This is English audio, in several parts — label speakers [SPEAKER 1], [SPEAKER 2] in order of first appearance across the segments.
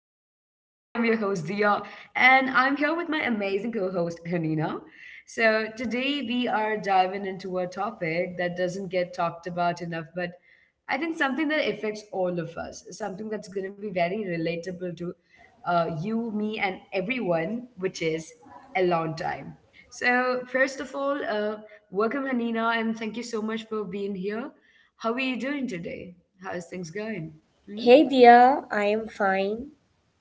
[SPEAKER 1] host Dia, and I'm here with my amazing co-host Hanina. So today we are diving into a topic that doesn't get talked about enough, but I think something that affects all of us, something that's going to be very relatable to you, me, and everyone, which is alone time. So, first of all, welcome, Hanina, and thank you so much for being here. How are you doing today? How's things going? Hmm?
[SPEAKER 2] Hey dear, I am fine.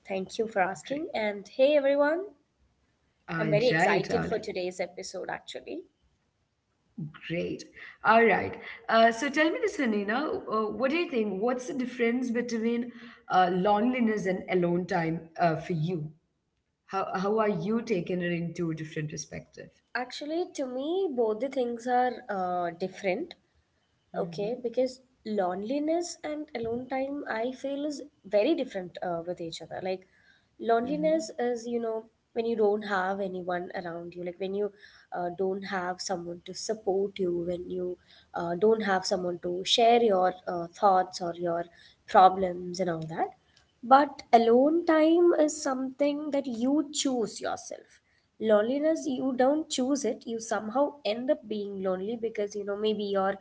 [SPEAKER 2] Thank you for asking.
[SPEAKER 1] Great.
[SPEAKER 2] And hey everyone, I'm very
[SPEAKER 1] All
[SPEAKER 2] excited for
[SPEAKER 1] right, all
[SPEAKER 2] today's
[SPEAKER 1] right.
[SPEAKER 2] episode actually.
[SPEAKER 1] Great. All right. So, tell me this, Hanina. What do you think? What's the difference between loneliness and alone time for you? How are you taking it into a different perspective?
[SPEAKER 2] Actually, to me, both the things are different. Okay,
[SPEAKER 1] Mm-hmm.
[SPEAKER 2] because loneliness and alone time, I feel, is very different with each other. Like, loneliness
[SPEAKER 1] Mm-hmm.
[SPEAKER 2] is, you know, when you don't have anyone around you, like when you don't have someone to support you, when you don't have someone to share your thoughts or your problems and all that. But alone time is something that you choose yourself. Loneliness, you don't choose it. You somehow end up being lonely because, you know, maybe your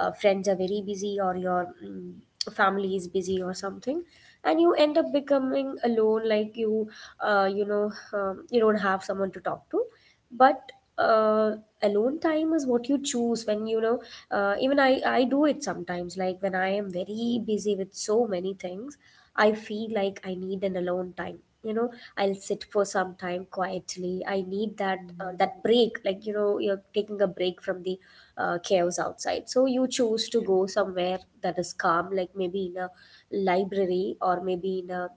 [SPEAKER 2] friends are very busy or your family is busy or something, and you end up becoming alone, like you you know you don't have someone to talk to. But uh, alone time is what you choose when you know. Even I do it sometimes, like when I am very busy with so many things, I feel like I need an alone time. You know, I'll sit for some time quietly. I need that
[SPEAKER 1] Mm-hmm.
[SPEAKER 2] that break. Like, you know, you're taking a break from the chaos outside. So you choose to go
[SPEAKER 1] Yeah.
[SPEAKER 2] somewhere that is calm, like maybe in a library or maybe in a,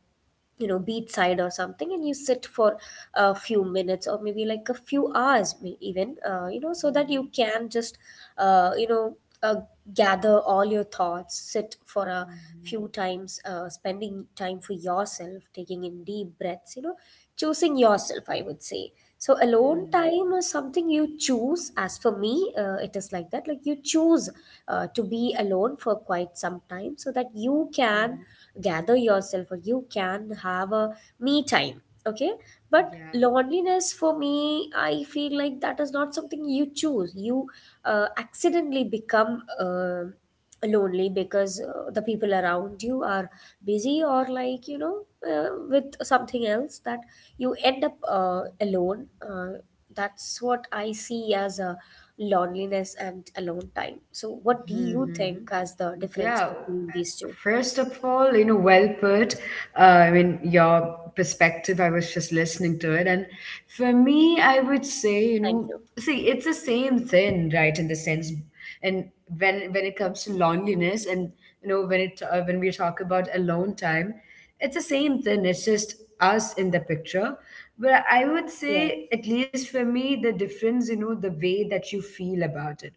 [SPEAKER 2] you know, beach side or something, and you sit for a few minutes or maybe like a few hours, even, you know, so that you
[SPEAKER 1] Mm-hmm.
[SPEAKER 2] can just uh, you know uh, gather all your thoughts, sit for a few
[SPEAKER 1] Mm-hmm.
[SPEAKER 2] times, spending time for yourself, taking in deep breaths, you know, choosing yourself, I would say. So alone
[SPEAKER 1] Mm-hmm.
[SPEAKER 2] time is something you choose. As for me, it is like that, like you choose to be alone for quite some time so that you
[SPEAKER 1] Mm-hmm.
[SPEAKER 2] can gather yourself or you can have a me time. Okay, but
[SPEAKER 1] Yeah.
[SPEAKER 2] loneliness, for me, I feel like that is not something you choose. You accidentally become lonely because the people around you are busy or, like, you know, with something else, that you end up alone. That's what I see as a loneliness and alone time. So what do you
[SPEAKER 1] Mm-hmm.
[SPEAKER 2] think as the difference
[SPEAKER 1] Yeah,
[SPEAKER 2] between these two?
[SPEAKER 1] first of all, you know, well put. I mean, your perspective, I was just listening to it. And for me, I would say, you
[SPEAKER 2] Thank
[SPEAKER 1] know,
[SPEAKER 2] you.
[SPEAKER 1] see, it's the same thing, right? In the sense, and when it comes to loneliness, and you know, when we talk about alone time, it's the same thing. It's just us in the picture. But I would
[SPEAKER 2] Yes,
[SPEAKER 1] say, at least for me, the difference, you know, the way that you feel about it,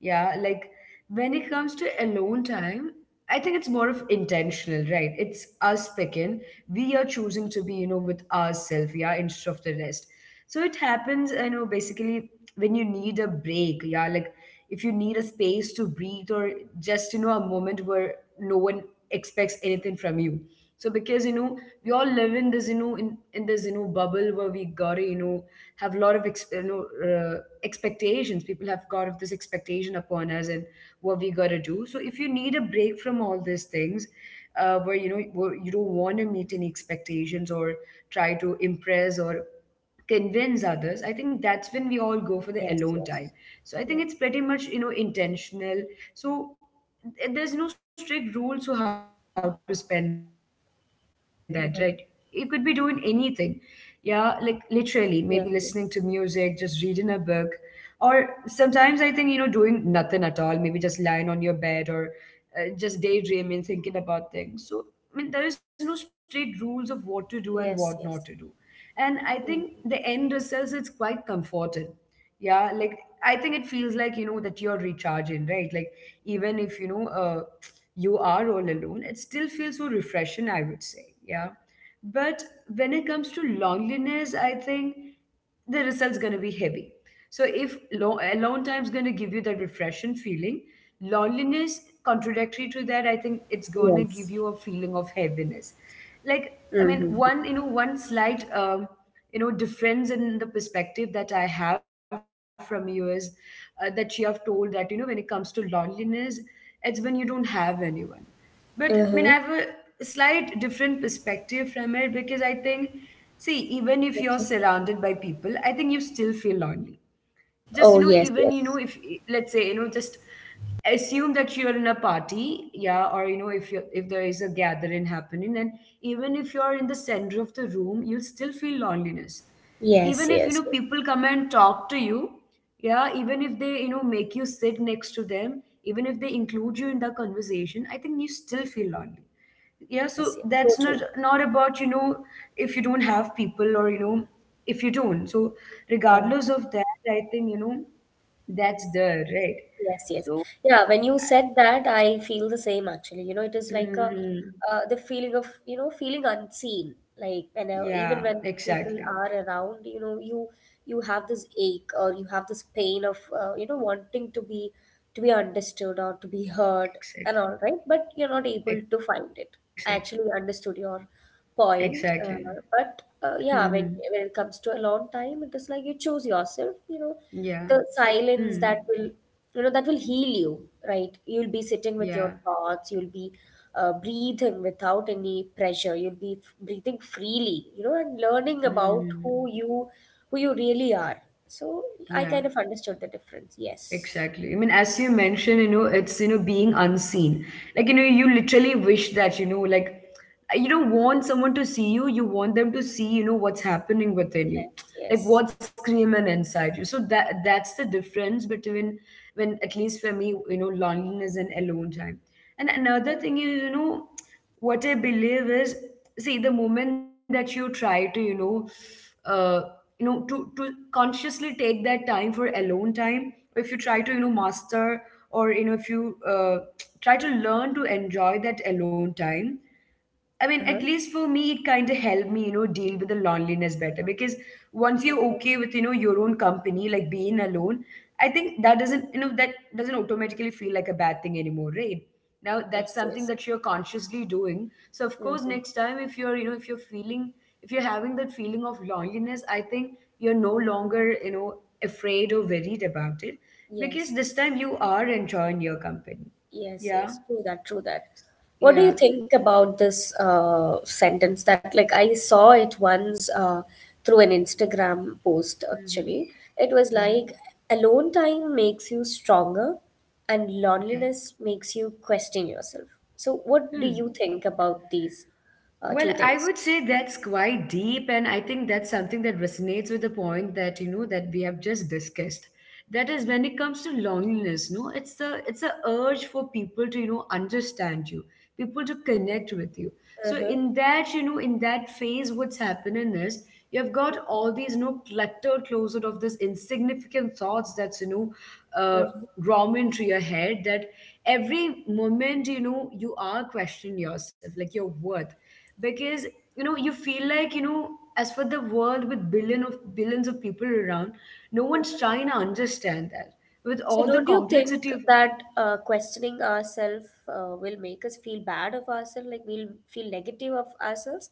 [SPEAKER 1] yeah, like when it comes to alone time, I think it's more of intentional, right? It's us picking. We are choosing to be, you know, with ourselves, yeah, instead of the rest. So it happens, you know, basically when you need a break, yeah, like if you need a space to breathe or just, you know, a moment where no one expects anything from you. So because, you know, we all live in this, you know, in this, you know, bubble where we gotta, you know, have a lot of, you know, expectations, people have got of this expectation upon us and what we got to do. So if you need a break from all these things, where you know, where you don't want to meet any expectations or try to impress or convince others, I think that's when we all go for the
[SPEAKER 2] yes,
[SPEAKER 1] alone time.
[SPEAKER 2] yes,
[SPEAKER 1] So I think
[SPEAKER 2] yes.
[SPEAKER 1] it's pretty much, you know, intentional. So there's no strict rules to how to spend that, right? You could be doing anything,
[SPEAKER 2] Uh-huh.
[SPEAKER 1] yeah, like literally maybe listening to music, just reading a
[SPEAKER 2] Yes,
[SPEAKER 1] book, or sometimes I think, you know, doing nothing at all, maybe just lying on your bed or just daydreaming, thinking about things. So I mean, there is no strict rules of what to do and what not to do. And I
[SPEAKER 2] yes, yes,
[SPEAKER 1] think
[SPEAKER 2] yes.
[SPEAKER 1] the end results, it's
[SPEAKER 2] Mm.
[SPEAKER 1] quite comforting. Yeah, like I think it feels like, you know, that you're recharging, right? Like even if, you know, you are all alone, it still feels so refreshing, I would say. Yeah. But when it comes to loneliness, I think the result's going to be heavy. So if alone time's going to give you that refreshing feeling, loneliness contradictory to that, I think it's going to
[SPEAKER 2] Yes.
[SPEAKER 1] give you a feeling of heaviness. Like I
[SPEAKER 2] Mm-hmm.
[SPEAKER 1] mean, one slight you know difference in the perspective that I have from you is that you have told that you know when it comes to loneliness, it's when you don't have anyone. But I mean,
[SPEAKER 2] Mm-hmm.
[SPEAKER 1] I have a slight different perspective from it because I think, see,
[SPEAKER 2] Okay.
[SPEAKER 1] even if you're surrounded by people, I think you still feel lonely,
[SPEAKER 2] Oh
[SPEAKER 1] just you know,
[SPEAKER 2] yes,
[SPEAKER 1] even you
[SPEAKER 2] yes,
[SPEAKER 1] know, if let's say you know, just assume that you're in a party, yeah, or you know, if you, if there is a gathering happening, and even if you're in the center of the room, you'll still feel loneliness.
[SPEAKER 2] yes,
[SPEAKER 1] Even if, you
[SPEAKER 2] yes.
[SPEAKER 1] know, people come and talk to you, yeah, even if they, you know, make you sit next to them, even if they include you in the conversation, I think you still feel lonely, yeah.
[SPEAKER 2] Yes,
[SPEAKER 1] So
[SPEAKER 2] yes, so
[SPEAKER 1] that's not
[SPEAKER 2] true.
[SPEAKER 1] not about, you know, if you don't have people or you know, if you don't, so
[SPEAKER 2] Yeah,
[SPEAKER 1] regardless of that, I think, you know, that's there, right?
[SPEAKER 2] yes, yes.
[SPEAKER 1] So
[SPEAKER 2] Yeah, when you said that, I feel the same actually. You know, it is like a
[SPEAKER 1] mhm.
[SPEAKER 2] the feeling of, you know, feeling unseen. Like, when even
[SPEAKER 1] Yeah,
[SPEAKER 2] when people
[SPEAKER 1] exactly.
[SPEAKER 2] are around, you know, you have this ache or you have this pain of, you know, wanting to be understood or to be heard and
[SPEAKER 1] Exactly.
[SPEAKER 2] all, right? But you're not able to
[SPEAKER 1] Exactly.
[SPEAKER 2] find it. I actually understood
[SPEAKER 1] Exactly.
[SPEAKER 2] your point.
[SPEAKER 1] Hmm.
[SPEAKER 2] But yeah, when it comes to alone time, it is like you choose
[SPEAKER 1] Yeah.
[SPEAKER 2] yourself. You know,
[SPEAKER 1] Hmm.
[SPEAKER 2] the silence that will, that will heal you, right? You'll be
[SPEAKER 1] Yeah.
[SPEAKER 2] sitting with your thoughts. You'll be breathing without any pressure. You'll be breathing freely. You know, and learning about
[SPEAKER 1] Hmm.
[SPEAKER 2] who you really are. So I
[SPEAKER 1] Yeah.
[SPEAKER 2] kind of understood the difference. Yes.
[SPEAKER 1] Exactly. I mean, as you mentioned, you know, it's, you know, being unseen. Like, you know, you literally wish that, you know, like, you don't want someone to see you. You want them to see, you know, what's happening within you,
[SPEAKER 2] Yes.
[SPEAKER 1] like
[SPEAKER 2] Yes.
[SPEAKER 1] what's screaming inside you. So that's the difference between, when, at least for me, you know, loneliness and alone time. And another thing is, you know, what I believe is, see, the moment that you try to, uh, you know, to consciously take that time for alone time, or if you try to you know master, or you know, if you try to learn to enjoy that alone time, I mean,
[SPEAKER 2] Uh
[SPEAKER 1] at
[SPEAKER 2] huh.
[SPEAKER 1] least for me, it kind of helped me, you know, deal with the loneliness better, because once you're okay with, you know, your own company, like being alone, I think that doesn't, you know, that doesn't automatically feel like a bad thing anymore, right? Now that's
[SPEAKER 2] Yes.
[SPEAKER 1] something
[SPEAKER 2] Yes.
[SPEAKER 1] that you're consciously doing. So of course,
[SPEAKER 2] Mm-hmm.
[SPEAKER 1] next time if you're, you know, if you're feeling, if you're having that feeling of loneliness, I think you're no longer, you know, afraid or worried about it, because
[SPEAKER 2] Yes.
[SPEAKER 1] this time you are enjoying your company.
[SPEAKER 2] Yes,
[SPEAKER 1] Yeah.
[SPEAKER 2] yes, true that, true that. What do
[SPEAKER 1] Yeah.
[SPEAKER 2] you think about this sentence that, like, I saw it once through an Instagram post actually?
[SPEAKER 1] Mhm.
[SPEAKER 2] It was
[SPEAKER 1] Mhm.
[SPEAKER 2] like, alone time makes you stronger and
[SPEAKER 1] Okay.
[SPEAKER 2] loneliness makes you question yourself. So, what do
[SPEAKER 1] Hmm.
[SPEAKER 2] you think about these
[SPEAKER 1] Well,
[SPEAKER 2] two
[SPEAKER 1] I
[SPEAKER 2] things?
[SPEAKER 1] would say that's quite deep, and I think that's something that resonates with the point that you know that we have just discussed. That is when it comes to loneliness, no, it's the it's a urge for people to you know understand you, people to connect with you. So
[SPEAKER 2] Uh-huh,
[SPEAKER 1] in that, you know, in that phase, what's happening is you've got all these, you know, cluttered closet of this insignificant thoughts that's you know uh,
[SPEAKER 2] uh-huh.
[SPEAKER 1] raw into your head, that every moment, you know, you are questioning yourself, like your worth, because you know, you feel like, you know, as for the world with billion of billions of people around, no one's trying to understand that, with
[SPEAKER 2] So,
[SPEAKER 1] all the
[SPEAKER 2] don't you think
[SPEAKER 1] complexity of.
[SPEAKER 2] that questioning ourselves will make us feel bad of ourselves, like, we'll feel negative of ourselves?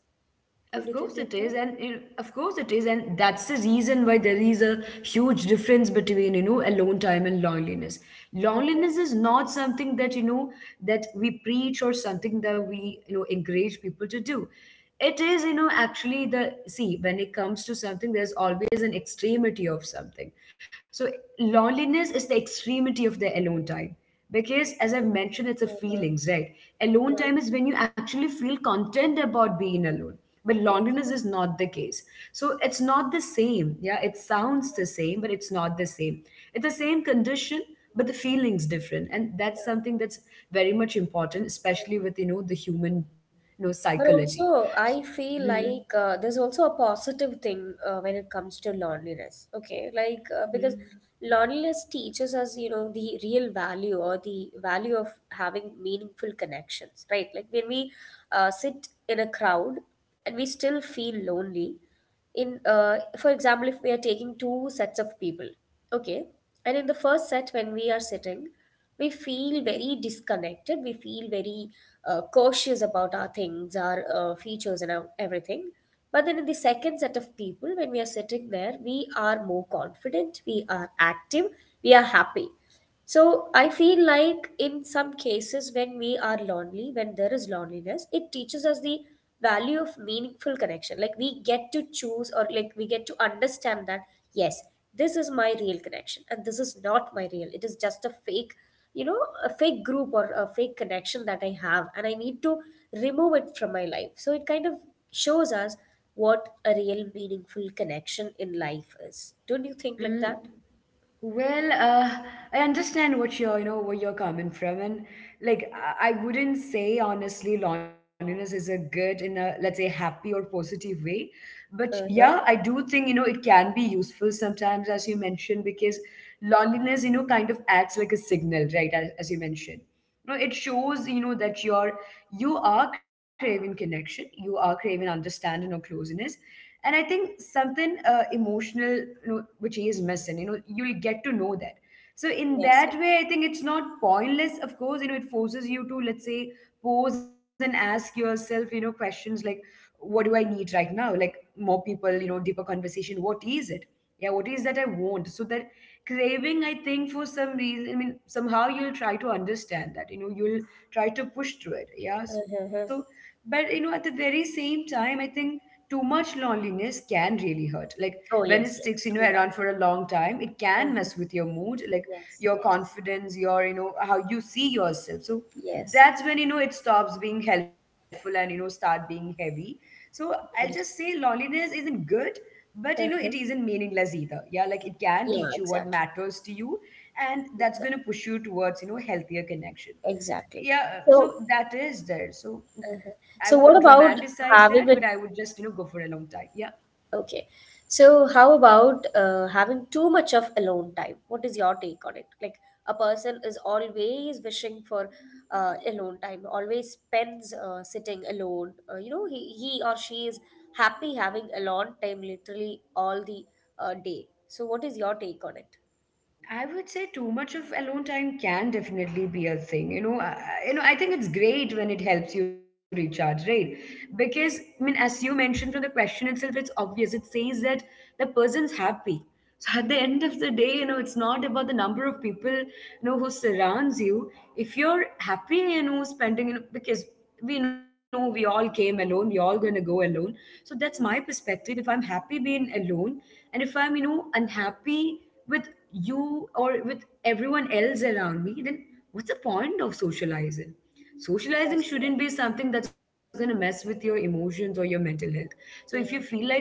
[SPEAKER 2] Two
[SPEAKER 1] Of
[SPEAKER 2] D
[SPEAKER 1] course it
[SPEAKER 2] like
[SPEAKER 1] is,
[SPEAKER 2] that.
[SPEAKER 1] and you know, of course it is, and that's the reason why there is a huge difference between, you know, alone time and loneliness.
[SPEAKER 2] Uh-huh.
[SPEAKER 1] Loneliness is not something that, you know, that we preach, or something that we, you know, encourage people to do. It is, you know, actually the see, when it comes to something, there's always an extremity of something. So loneliness is the extremity of the alone time, because, as I've mentioned, it's a
[SPEAKER 2] Uh-huh.
[SPEAKER 1] feelings, right?
[SPEAKER 2] Yeah.
[SPEAKER 1] Alone time is when you actually feel content about being alone, but
[SPEAKER 2] Yes.
[SPEAKER 1] loneliness
[SPEAKER 2] Yes.
[SPEAKER 1] is not the case. So it's not the same. Yeah, it sounds the same, but it's not the same. It's the same condition, but the feelings different, and that's
[SPEAKER 2] Yeah.
[SPEAKER 1] something that's very much important, especially with you know the human, you know,
[SPEAKER 2] But
[SPEAKER 1] psychology.
[SPEAKER 2] also,
[SPEAKER 1] So,
[SPEAKER 2] I feel
[SPEAKER 1] mhm.
[SPEAKER 2] like there's also a positive thing when it comes to loneliness. Okay, like, because
[SPEAKER 1] Mhm.
[SPEAKER 2] loneliness teaches us, you know, the real value or the value of having meaningful connections, right? Like when we sit in a crowd and we still feel lonely, in for example, if we are taking two sets of people, okay, and in the first set when we are sitting, we feel very disconnected, we feel very cautious about our things, our features and everything. But then in the second set of people, when we are sitting there, we are more confident, we are active, we are happy. So I feel like in some cases when we are lonely, when there is loneliness, it teaches us the value of meaningful connection. Like, we get to choose, or like, we get to understand that yes, this is my real connection and this is not my real. It is just a fake, you know, a fake group or a fake connection that I have and I need to remove it from my life. So it kind of shows us what a real meaningful connection in life is. Don't you think
[SPEAKER 1] Mm.
[SPEAKER 2] like that?
[SPEAKER 1] Well, I understand what you're, you know, where you're coming from, and like I wouldn't say honestly, loneliness is a good in a let's say happy or positive way, but yeah, I
[SPEAKER 2] Uh-huh.
[SPEAKER 1] do think you know it can be useful sometimes, as you mentioned, because loneliness, you know, kind of acts like a signal, right? As you mentioned, you know, it shows you know that you're, you are craving connection, you are craving understanding or closeness, and I think something emotional you know, which is missing, you know, you'll get to know that. So in
[SPEAKER 2] Yes.
[SPEAKER 1] that way, I think it's not pointless, of course, you know, it forces you to let's say pose and ask yourself, you know, questions like, what do I need right now, like more people, you know, deeper conversation, what is it, yeah, what is that I want, so that craving, I think for some reason, I mean somehow you'll try to understand that, you know, you'll try to push through it, yeah, so.
[SPEAKER 2] Uh-huh.
[SPEAKER 1] But you know, at the very same time, I think too much loneliness can really hurt. Like when
[SPEAKER 2] Oh,
[SPEAKER 1] it
[SPEAKER 2] yes,
[SPEAKER 1] sticks,
[SPEAKER 2] yes,
[SPEAKER 1] you know,
[SPEAKER 2] true
[SPEAKER 1] around
[SPEAKER 2] that.
[SPEAKER 1] for a long time, it can mess
[SPEAKER 2] Uh-huh.
[SPEAKER 1] with your mood, like
[SPEAKER 2] Yes,
[SPEAKER 1] your
[SPEAKER 2] yes,
[SPEAKER 1] confidence, your, you know, how you see yourself. So
[SPEAKER 2] yes,
[SPEAKER 1] that's when, you know, it stops being helpful and, you know, start being heavy. So I'll just say
[SPEAKER 2] yes.
[SPEAKER 1] loneliness isn't good, but you know, it
[SPEAKER 2] Uh-huh.
[SPEAKER 1] isn't meaningless either. Yeah, like it can
[SPEAKER 2] Yeah,
[SPEAKER 1] teach you what
[SPEAKER 2] exactly,
[SPEAKER 1] matters to you, and that's
[SPEAKER 2] exactly,
[SPEAKER 1] gonna push you towards, you know, healthier connection,
[SPEAKER 2] exactly.
[SPEAKER 1] yeah. So
[SPEAKER 2] So,
[SPEAKER 1] that is there, so I
[SPEAKER 2] uh
[SPEAKER 1] won't
[SPEAKER 2] so what about
[SPEAKER 1] romanticize that, but I would
[SPEAKER 2] having a,
[SPEAKER 1] just you know go for a long time, yeah.
[SPEAKER 2] okay. So, how about having too much of alone time? What is your take on it? Like, a person is always wishing for alone time, always spends sitting alone. You know, he or she is happy having alone time literally all the day. So, what is your take on it?
[SPEAKER 1] I would say too much of alone time can definitely be a thing. I think it's great when it helps you recharge, right? Because I mean, as you mentioned from the question itself, it's obvious. It says that the person's happy. So at the end of the day, it's not about the number of people you know who surrounds you. If you're happy, spending, because we know we all came alone, we all gonna go alone. So that's my perspective. If I'm happy being alone, and if I'm, unhappy with you or with everyone else around me, then what's the point of socializing? Socializing
[SPEAKER 2] Yes, yes.
[SPEAKER 1] shouldn't be something that's going to mess with your emotions or your mental health. So if you feel
[SPEAKER 2] Yeah.
[SPEAKER 1] like if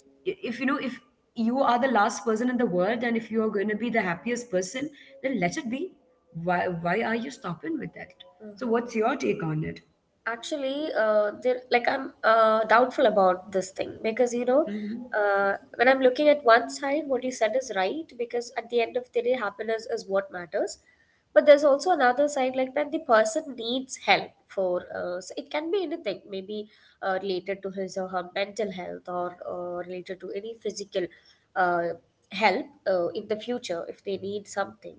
[SPEAKER 1] if you know if you are the last person in the world and if you are going to be the happiest person, then let it be. Why are you stopping with that? So what's your take on it?
[SPEAKER 2] Actually, there like I'm doubtful about this thing because, you know,
[SPEAKER 1] Mm-hmm.
[SPEAKER 2] when I'm looking at one side, what you said is right because at the end of the day, happiness is what matters. But there's also another side like that the person needs help for. So it can be anything, maybe related to his or her mental health or related to any physical uh, help in the future if they need something.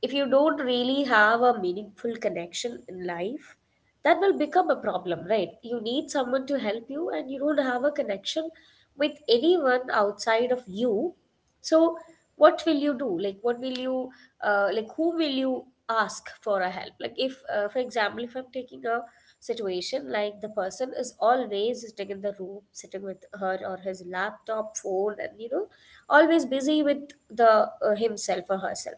[SPEAKER 2] If you don't really have a meaningful connection in life, that will become a problem, right? You need someone to help you, and you don't have a connection with anyone outside of you. So, what will you do? Like, what will you, like, who will you ask for a help? Like, if, for example, if I'm taking a situation like the person is always sitting in the room, sitting with her or his laptop, phone, and, you know, always busy with the, himself or herself.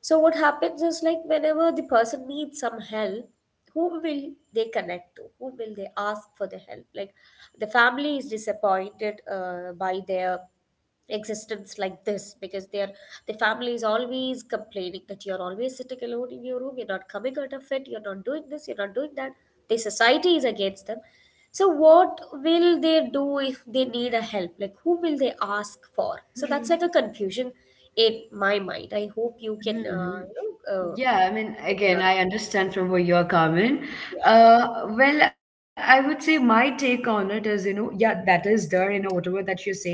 [SPEAKER 2] So what happens is, like, whenever the person needs some help, who will they connect to? Who will they ask for the help? Like, the family is disappointed by their existence like this because they're the family is always complaining that you're always sitting alone in your room, you're not coming out of it, you're not doing this, you're not doing that. The society is against them. So what will they do if they need a help? Like, who will they ask for? So that's like a confusion in my mind. I hope you can,
[SPEAKER 1] Mhm.
[SPEAKER 2] you know,
[SPEAKER 1] Yeah, I mean,
[SPEAKER 2] give me an
[SPEAKER 1] again,
[SPEAKER 2] answer
[SPEAKER 1] I
[SPEAKER 2] for it.
[SPEAKER 1] understand from where you're coming.
[SPEAKER 2] Yeah.
[SPEAKER 1] Uh, well, I would say my take on it is, yeah, that is there, whatever that you're saying,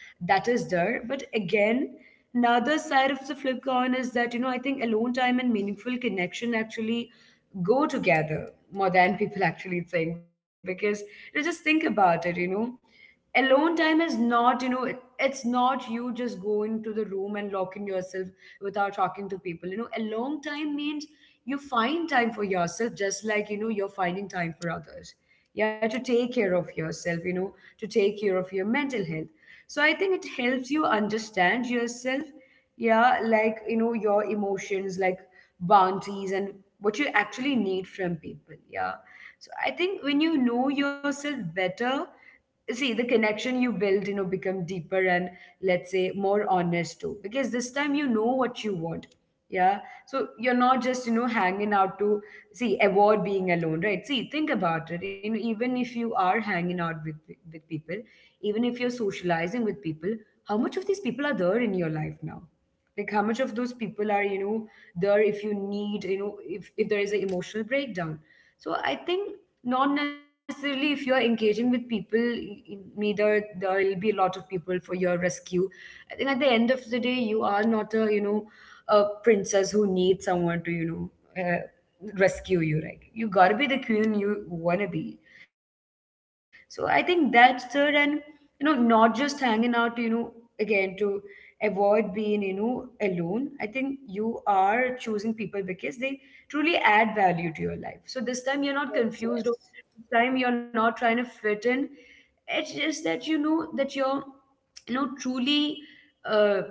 [SPEAKER 1] that is there. But again, another side of the flip coin is that, I think alone time and meaningful connection actually go together more than people actually think, because, just think about it. Alone time is not, it's not you just go into the room and lock in yourself without talking to people. Alone time means you find time for yourself, just like, you're finding time for others, yeah, to take care of yourself, to take care of your mental health. So I think it helps you understand yourself, yeah, like, your emotions, like bounties and what you actually need from people, yeah. So I think when you know yourself better, see, the connection you build, become deeper and, let's say, more honest too, because this time you know what you want. Yeah. So you're not just, hanging out to see, avoid being alone, right? See, think about it. Even if you are hanging out with people, even if you're socializing with people, how much of these people are there in your life now? Like how much of those people are, there if you need, if there is an emotional breakdown. So I think, not necessarily, if you're engaging with people, neither there will be a lot of people for your rescue. I think at the end of the day, you are not a, a princess who needs someone to, know uh, rescue you, right? You gotta be the queen you wanna be. So I think that's third, and, not just hanging out, again, to avoid being, alone. I think you are choosing people because they truly add value to your life. So this time you're not
[SPEAKER 2] Yes.
[SPEAKER 1] confused, or
[SPEAKER 2] Yes.
[SPEAKER 1] this time you're not trying to fit in. It's just that you know that you're, you know, truly, uh,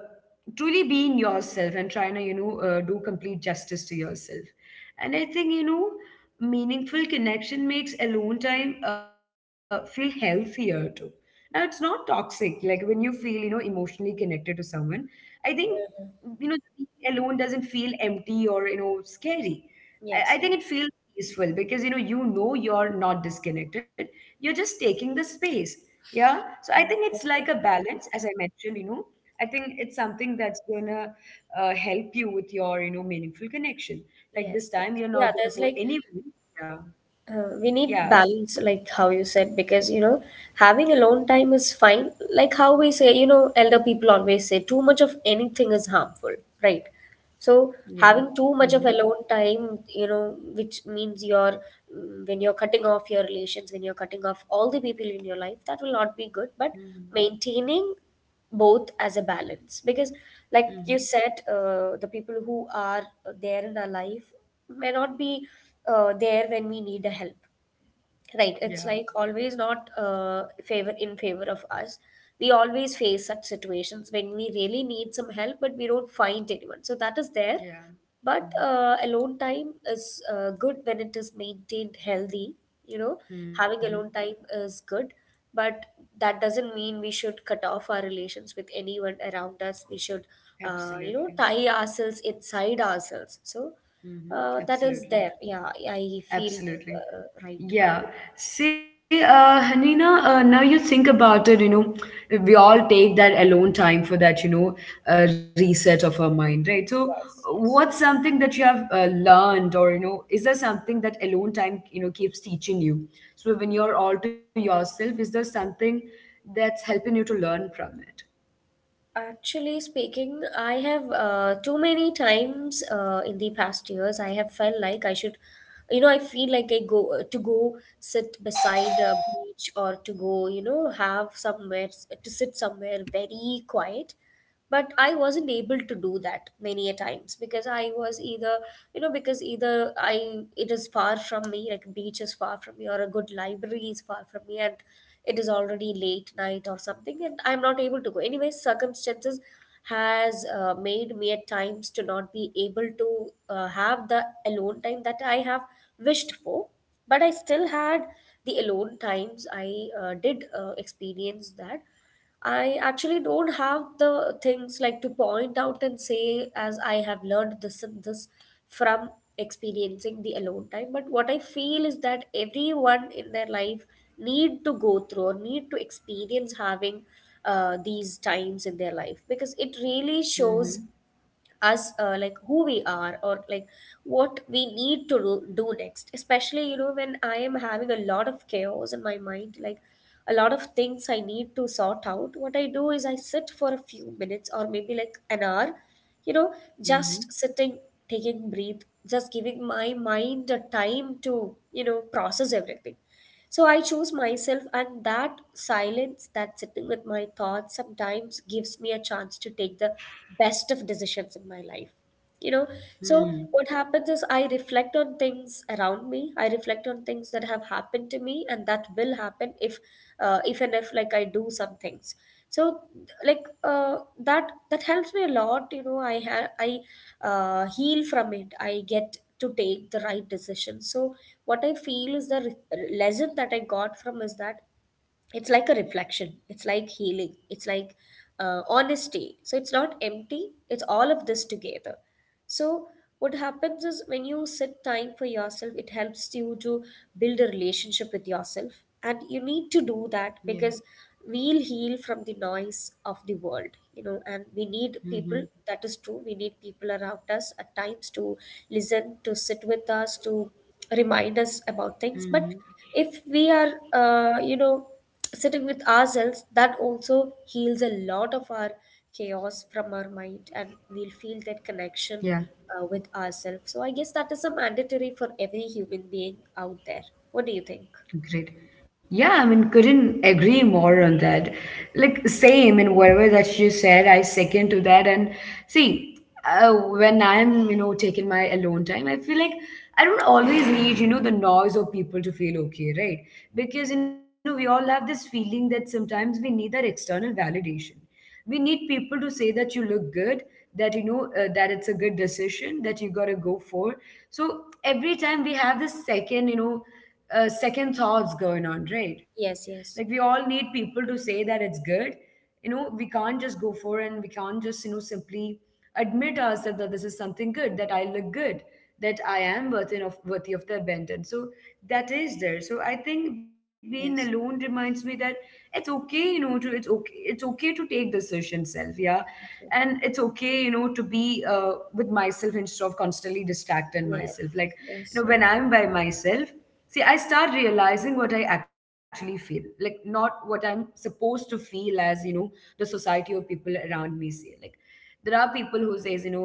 [SPEAKER 1] truly being yourself and trying to, do complete justice to yourself. And I think, meaningful connection makes alone time, feel healthier too. Now it's not toxic. Like when you feel, emotionally connected to someone, I think, you know being alone doesn't feel empty or, scary. I
[SPEAKER 2] Yes. Yes.
[SPEAKER 1] think it feels peaceful because, you're not disconnected. You're just taking the space. Yeah. So I
[SPEAKER 2] Yes.
[SPEAKER 1] think it's
[SPEAKER 2] Yes.
[SPEAKER 1] like a balance, as I mentioned. I think it's something that's gonna, help you with your, meaningful connection.
[SPEAKER 2] Yes.
[SPEAKER 1] Like this
[SPEAKER 2] Yes.
[SPEAKER 1] time,
[SPEAKER 2] Yeah.
[SPEAKER 1] you're
[SPEAKER 2] There's
[SPEAKER 1] not
[SPEAKER 2] like,
[SPEAKER 1] gonna for anyone. Yeah,
[SPEAKER 2] uh, we need
[SPEAKER 1] yeah,
[SPEAKER 2] balance, like how you said, because, you know, having alone time is fine. Like, how we say, you know, elder people always say, too much of anything is harmful, right?
[SPEAKER 1] yeah.
[SPEAKER 2] So having
[SPEAKER 1] Mm-hmm.
[SPEAKER 2] too much of alone time, you know, which means you're when you're cutting off your relations, when you're cutting off all the people in your life, that will not be good. But
[SPEAKER 1] Mm-hmm.
[SPEAKER 2] maintaining both as a balance, because like you
[SPEAKER 1] Mm-hmm.
[SPEAKER 2] said, the people who are there in our life may not be there when we need a help. Right, it's
[SPEAKER 1] Yeah,
[SPEAKER 2] like always not favor in favor of us. We always face such situations when we really need some help, but we don't find anyone. So that is there.
[SPEAKER 1] yeah.
[SPEAKER 2] But
[SPEAKER 1] Mm-hmm.
[SPEAKER 2] alone time is good when it is maintained healthy. You know, having
[SPEAKER 1] Mm-hmm.
[SPEAKER 2] alone time is good, but that doesn't mean we should cut off our relations with anyone around us. We should, you know, tie
[SPEAKER 1] Absolutely.
[SPEAKER 2] ourselves inside ourselves. So that
[SPEAKER 1] Mm-hmm.
[SPEAKER 2] is there.
[SPEAKER 1] Absolutely.
[SPEAKER 2] Yeah, I feel
[SPEAKER 1] Absolutely.
[SPEAKER 2] right now.
[SPEAKER 1] Yeah. See, Hanina, now you think about it, we all take that alone time for that, reset of our mind, right? So,
[SPEAKER 2] Yes, yes.
[SPEAKER 1] what's something that you have, learned, or, is there something that alone time, keeps teaching you? So, when you're all to yourself, is there something that's helping you to learn from it?
[SPEAKER 2] Actually speaking, I have too many times in the past years, I have felt like I should, you know, I feel like I go to go sit beside a beach or to go, you know, have somewhere to sit somewhere very quiet. But I wasn't able to do that many a times because I was either you know because either I it is far from me, like a beach is far from me, or a good library is far from me, and it is already late night or something and I'm not able to go anyway. Circumstances has made me at times to not be able to have the alone time that I have wished for. But I still had the alone times I did experience that. I actually don't have the things like to point out and say as I have learned this and this from experiencing the alone time. But what I feel is that everyone in their life need to go through or need to experience having these times in their life, because it really
[SPEAKER 1] Mm-hmm.
[SPEAKER 2] shows us like who we are, or like what we need to do next, especially you know when I am having a lot of chaos in my mind, like a lot of things I need to sort out. What I do is I sit for a few minutes or maybe like an hour, you know, just
[SPEAKER 1] Mm-hmm.
[SPEAKER 2] sitting, taking breathe, just giving my mind a time to, you know, process everything. So I choose myself, and that silence, that sitting with my thoughts, sometimes gives me a chance to take the best of decisions in my life. You know, so
[SPEAKER 1] Hmm.
[SPEAKER 2] what happens is I reflect on things around me. I reflect on things that have happened to me and that will happen if and if like I do some things. So like that helps me a lot. You know, I heal from it. I get to take the right decision. So what I feel is the lesson that I got from is that it's like a reflection, it's like healing, it's like honesty. So it's not empty, it's all of this together. So what happens is when you set time for yourself, it helps you to build a relationship with yourself, and you need to do
[SPEAKER 1] Yeah.
[SPEAKER 2] that because we'll heal from the noise of the world, you know. And we need
[SPEAKER 1] Mm-hmm.
[SPEAKER 2] people, that is true, we need people around us at times to listen, to sit with us, to remind us about
[SPEAKER 1] Mm-hmm.
[SPEAKER 2] things. But if we are sitting with ourselves, that also heals a lot of our chaos from our mind, and we'll
[SPEAKER 1] Yeah.
[SPEAKER 2] feel that connection with ourselves. So I guess that is a mandatory for every human being out there. What do you think?
[SPEAKER 1] Great. Yeah, I mean, couldn't agree more on that. Like, same in whatever that you said, I second to that. And see, when I'm, taking my alone time, I feel like I don't always need, the noise of people to feel okay, right? Because, we all have this feeling that sometimes we need that external validation. We need people to say that you look good, that, that it's a good decision that you gotta go for. So every time we have this second, second thoughts going on, right?
[SPEAKER 2] Yes, yes.
[SPEAKER 1] Like, we all need people to say that it's good. We can't just go for, and we can't just, simply admit ourselves that this is something good, that I look good, that I am worthy of the abandon. So that is there. So I think being
[SPEAKER 2] Yes,
[SPEAKER 1] alone reminds me that it's okay, to, it's okay, it's okay to take decisions self, yeah.
[SPEAKER 2] yes.
[SPEAKER 1] And it's okay, to be, with myself instead of constantly distracting
[SPEAKER 2] Yes,
[SPEAKER 1] myself. Like,
[SPEAKER 2] yes.
[SPEAKER 1] when I'm by myself, see, I start realizing what I actually feel, like, not what I'm supposed to feel, as, the society or people around me say. Like, there are people who says,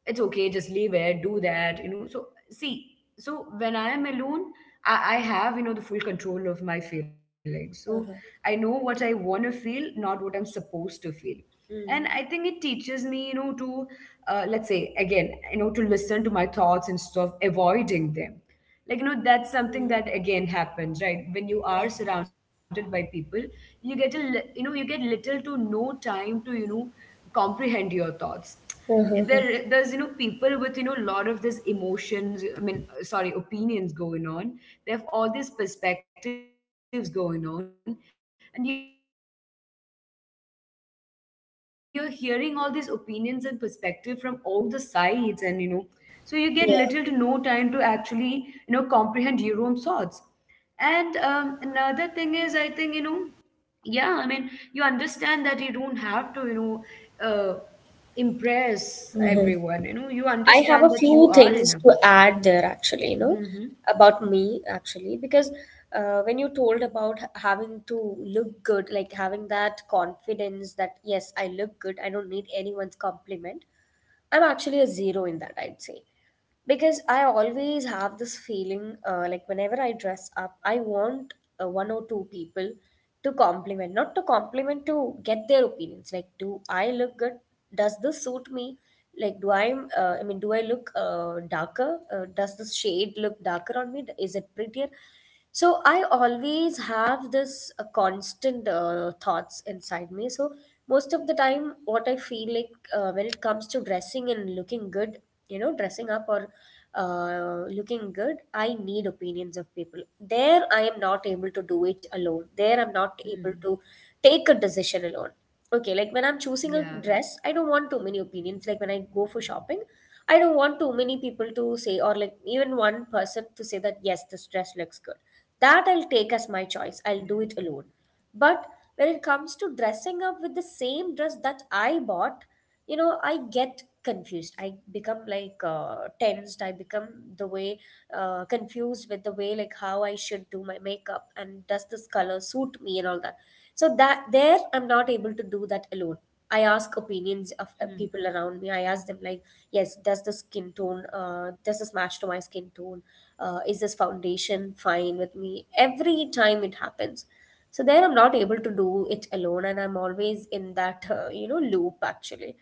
[SPEAKER 1] it's okay, just leave it, do that, so, see, so when I am alone, I have, the full control of my feelings. So I
[SPEAKER 2] Uh-huh.
[SPEAKER 1] know what I want to feel, not what I'm supposed to feel. And I
[SPEAKER 2] Mm.
[SPEAKER 1] think it teaches me, to, let's say, again, to listen to my thoughts instead of avoiding them. Like, that's something
[SPEAKER 2] Mm.
[SPEAKER 1] that again happens, right, when you are
[SPEAKER 2] Yes, yes.
[SPEAKER 1] surrounded by people, you get you get little to no time to, comprehend your thoughts.
[SPEAKER 2] Uh-huh.
[SPEAKER 1] There's, people with, a lot of this emotions, I mean sorry opinions going on. They have all these perspectives going on, and you're hearing all these opinions and perspective from all the sides, and, from all the corner of your, minds. It's just, filled with them. So you get little to no time to actually, comprehend your own thoughts. And, another thing is, I think, yeah, I mean, you understand that you don't have to, impress
[SPEAKER 2] Yeah.
[SPEAKER 1] everyone. You
[SPEAKER 2] I have
[SPEAKER 1] understand
[SPEAKER 2] a
[SPEAKER 1] that you
[SPEAKER 2] few
[SPEAKER 1] are
[SPEAKER 2] things
[SPEAKER 1] enough
[SPEAKER 2] to
[SPEAKER 1] with.
[SPEAKER 2] add there actually, you know,
[SPEAKER 1] Mm-hmm.
[SPEAKER 2] about me actually. Because when you told about having to look good, like having that confidence that yes, I look good, I don't need anyone's compliment, I'm actually a zero in that, I'd say. Because I always have this feeling like whenever I dress up, I want one or two people to compliment, not to compliment, to get their opinions. Like, do I look good? Does this suit me? Like, do I look darker? Does this shade look darker on me? Is it prettier? So I always have this constant thoughts inside me. So most of the time what I feel like, when it comes to dressing and looking good, you know, dressing up or looking good, I need opinions of people. There I am not able to do it alone, there I'm not able
[SPEAKER 1] Mm.
[SPEAKER 2] to take a decision alone. Okay, like when
[SPEAKER 1] Yeah,
[SPEAKER 2] I'm choosing a dress, I don't want too many opinions. Like when I go for shopping, I don't want too many people to say, or like even one person to say that yes, this dress looks good, that I'll take
[SPEAKER 1] yeah.
[SPEAKER 2] as my choice, I'll do it alone. But when it comes to dressing up with the same dress that I bought, you know, I get confused. I become like tensed. I become the way confused with the way like how I should do my makeup, and does this color suit me, and all that. So that, there I'm not able to do that alone. I ask opinions of people around me. I ask them like, yes, does the skin tone, does this match to my skin tone, is this foundation fine with me? Every time it happens. So there I'm not able to do it alone, and I'm always in that loop actually.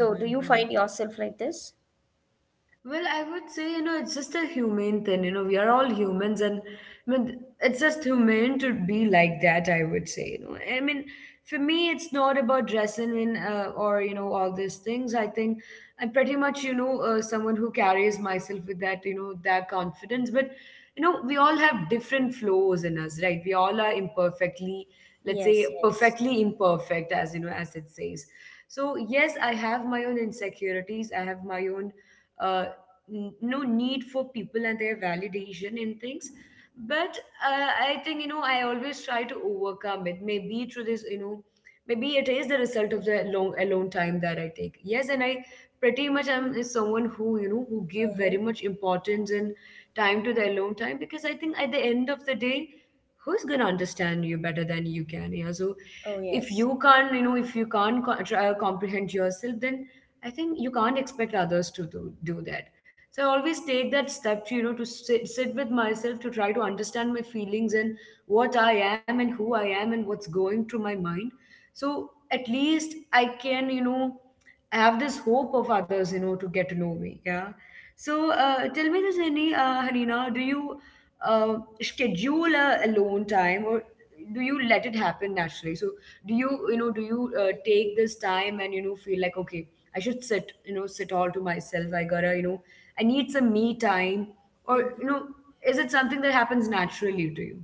[SPEAKER 2] So do you find yourself like this?
[SPEAKER 1] Well, I would say, it's just a humane thing. We are all humans, and, I mean, it's just humane to be like that, I would say. I mean, for me, it's not about dressing in, or, all these things. I think I'm pretty much, someone who carries myself with that, that confidence. But, we all have different flaws in us, right? We all are imperfectly, let's say,
[SPEAKER 2] Yes, yes.
[SPEAKER 1] perfectly imperfect, as, as it says. So, yes, I have my own insecurities, I have my own, uh, no need for people and their validation in things. But, I think, I always try to overcome it, maybe through this, maybe it is the result of the long alone time that I take. Yes, and I pretty much am is someone who, who give very
[SPEAKER 2] Uh-huh.
[SPEAKER 1] much importance and time to the alone time, because I think at the end of the day, who's gonna understand you better than you can? Yeah, so
[SPEAKER 2] Oh,
[SPEAKER 1] if
[SPEAKER 2] yes.
[SPEAKER 1] you can't, if you can't try, comprehend yourself, then I think you can't expect others to do that. So I always take that step to, to sit with myself, to try to understand my feelings and what I am and who I am and what's going through my mind. So at least I can, have this hope of others, to get to know me. Yeah. So, tell me this, Hanina, do you, uh, schedule a alone time, or do you let it happen naturally? So do you, take this time and, feel like, okay, I should sit, sit all to myself. I gotta, you know, I need some me time. Or, is it something that happens naturally to you?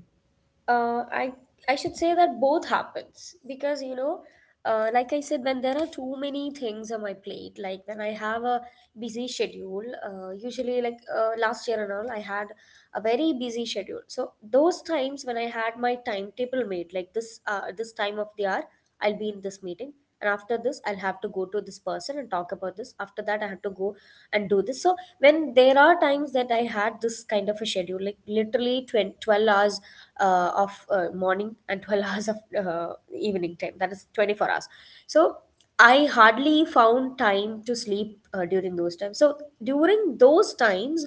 [SPEAKER 2] uh, I I should say that both happens, because you know, like I said, when there are too many things on my plate, like when I have a busy schedule, usually like last year and all, I had a very busy schedule. So those times when I had my timetable made, like this this time of the hour, I'll be in this meeting. And after this, I'll have to go to this person and talk about this. After that, I have to go and do this. So when there are times that I had this kind of a schedule, like literally 20 12 hours of morning and 12 hours of evening time, that is 24 hours. So I hardly found time to sleep during those times. So during those times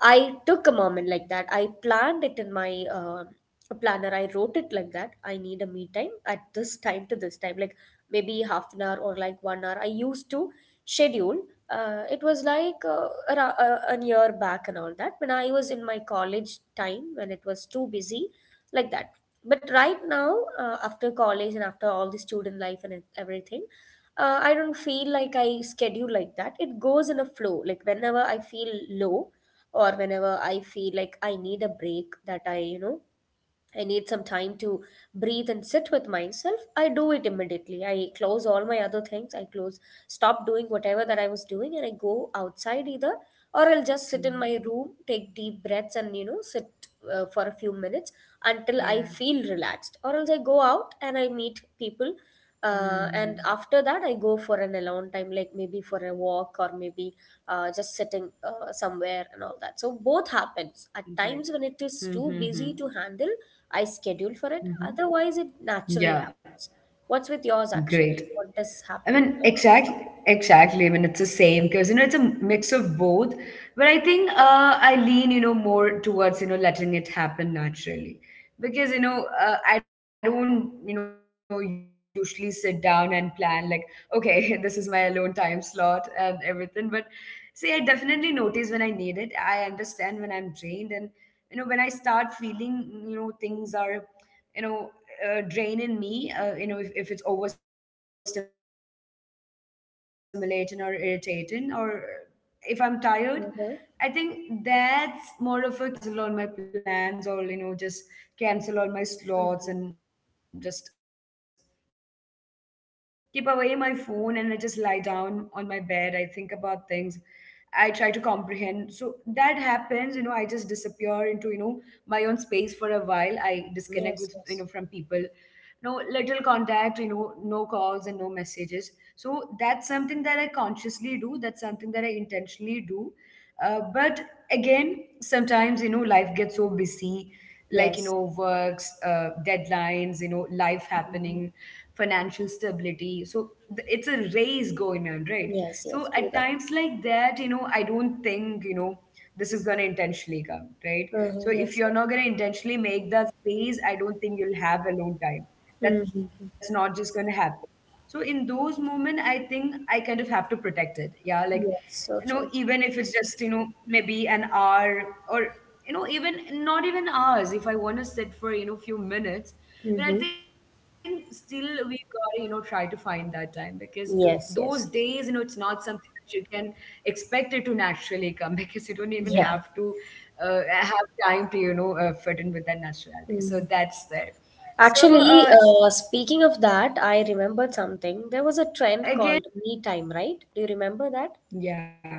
[SPEAKER 2] I took a moment like that. I planned it in my planner. I wrote it like that, I need a me time at this time to this time, like maybe half an hour or like 1 hour I used to schedule. It was like a year back and all that, when I was in my college time, when it was too busy like that. But right now, after college and after all the student life and everything, I don't feel like I schedule like that. It goes in a flow. Like whenever I feel low, or whenever I feel like I need a break, that I, you know, I need some time to breathe and sit with myself, I do it immediately. I close all my other things. I close, stop doing whatever that I was doing, and I go outside either, or I'll just sit in my
[SPEAKER 1] Mhm.
[SPEAKER 2] room, take deep breaths, and you know, sit for a few minutes until I feel
[SPEAKER 1] Yeah.
[SPEAKER 2] relaxed. Or else I go out and I meet people,
[SPEAKER 1] Hmm.
[SPEAKER 2] and after that I go for an alone time, like maybe for a walk or maybe just sitting somewhere and all that. So both happens. At
[SPEAKER 1] Great.
[SPEAKER 2] times when it is too
[SPEAKER 1] Mm-hmm.
[SPEAKER 2] busy to handle, I schedule for it.
[SPEAKER 1] Mm-hmm.
[SPEAKER 2] Otherwise, it naturally
[SPEAKER 1] Yeah,
[SPEAKER 2] happens. What's with yours
[SPEAKER 1] great.
[SPEAKER 2] actually? What does
[SPEAKER 1] I
[SPEAKER 2] happen?
[SPEAKER 1] mean, exactly, exactly. I mean, it's the same because you know it's a mix of both. But I think
[SPEAKER 2] Yes.
[SPEAKER 1] I lean, you know, more towards you know letting it happen naturally because you know I don't you know usually sit down and plan like okay. This is my alone time slot and everything. But see, I definitely notice when I need it. I understand when I'm drained and you know when I start feeling you know things are you know drain in me, you know, if it's overstimulating or irritating or if I'm tired, I think that's
[SPEAKER 2] Mm-hmm.
[SPEAKER 1] more of a cue for me to, you know, pull back a little. And so what I do is I'll just cancel all my plans
[SPEAKER 2] Mhm.
[SPEAKER 1] or, you know, just cancel all my slots and just keep away my phone, and I just lie down on my bed. I think about things. I try to comprehend. So that happens, you know, I just disappear into, you know, my own space for a while. I disconnect with,
[SPEAKER 2] Yes,
[SPEAKER 1] you know,
[SPEAKER 2] yes.
[SPEAKER 1] from people, no little contact, you know, no calls and no messages. So that's something that I consciously do, that's something that I intentionally do. But again, sometimes you know life gets so busy, like you know
[SPEAKER 2] Yes.
[SPEAKER 1] works, deadlines, you know, life happening,
[SPEAKER 2] Mhm.
[SPEAKER 1] financial stability. So it's a race going on, right? So
[SPEAKER 2] Yes,
[SPEAKER 1] at
[SPEAKER 2] yes. Do
[SPEAKER 1] times
[SPEAKER 2] that.
[SPEAKER 1] like that, you know, I don't think you know this is going to intentionally come, right? So
[SPEAKER 2] Mm-hmm.
[SPEAKER 1] if
[SPEAKER 2] Yes,
[SPEAKER 1] you're
[SPEAKER 2] yes.
[SPEAKER 1] not going to intentionally make that space, I don't think you'll have alone time. That's
[SPEAKER 2] Mm-hmm.
[SPEAKER 1] not just going to happen. So in those moments, I think I kind of have to protect it, yeah, like
[SPEAKER 2] Yes,
[SPEAKER 1] you
[SPEAKER 2] so
[SPEAKER 1] know,
[SPEAKER 2] true.
[SPEAKER 1] even if it's just you know maybe an hour, or you know, even not even hours, if I want to sit for you know few minutes. But
[SPEAKER 2] Mm-hmm.
[SPEAKER 1] I think still we gotta you know try to find that time, because those
[SPEAKER 2] Yes,
[SPEAKER 1] days you
[SPEAKER 2] yes.
[SPEAKER 1] know it's not something that you can expect it to naturally come. Because you don't even have
[SPEAKER 2] Yeah.
[SPEAKER 1] to have time to you know fit in with that naturality, so
[SPEAKER 2] Hmm.
[SPEAKER 1] that's there. So
[SPEAKER 2] Actually,
[SPEAKER 1] again,
[SPEAKER 2] speaking
[SPEAKER 1] yeah.
[SPEAKER 2] of that, I remembered something. There was a trend called me time, right? Do you remember that?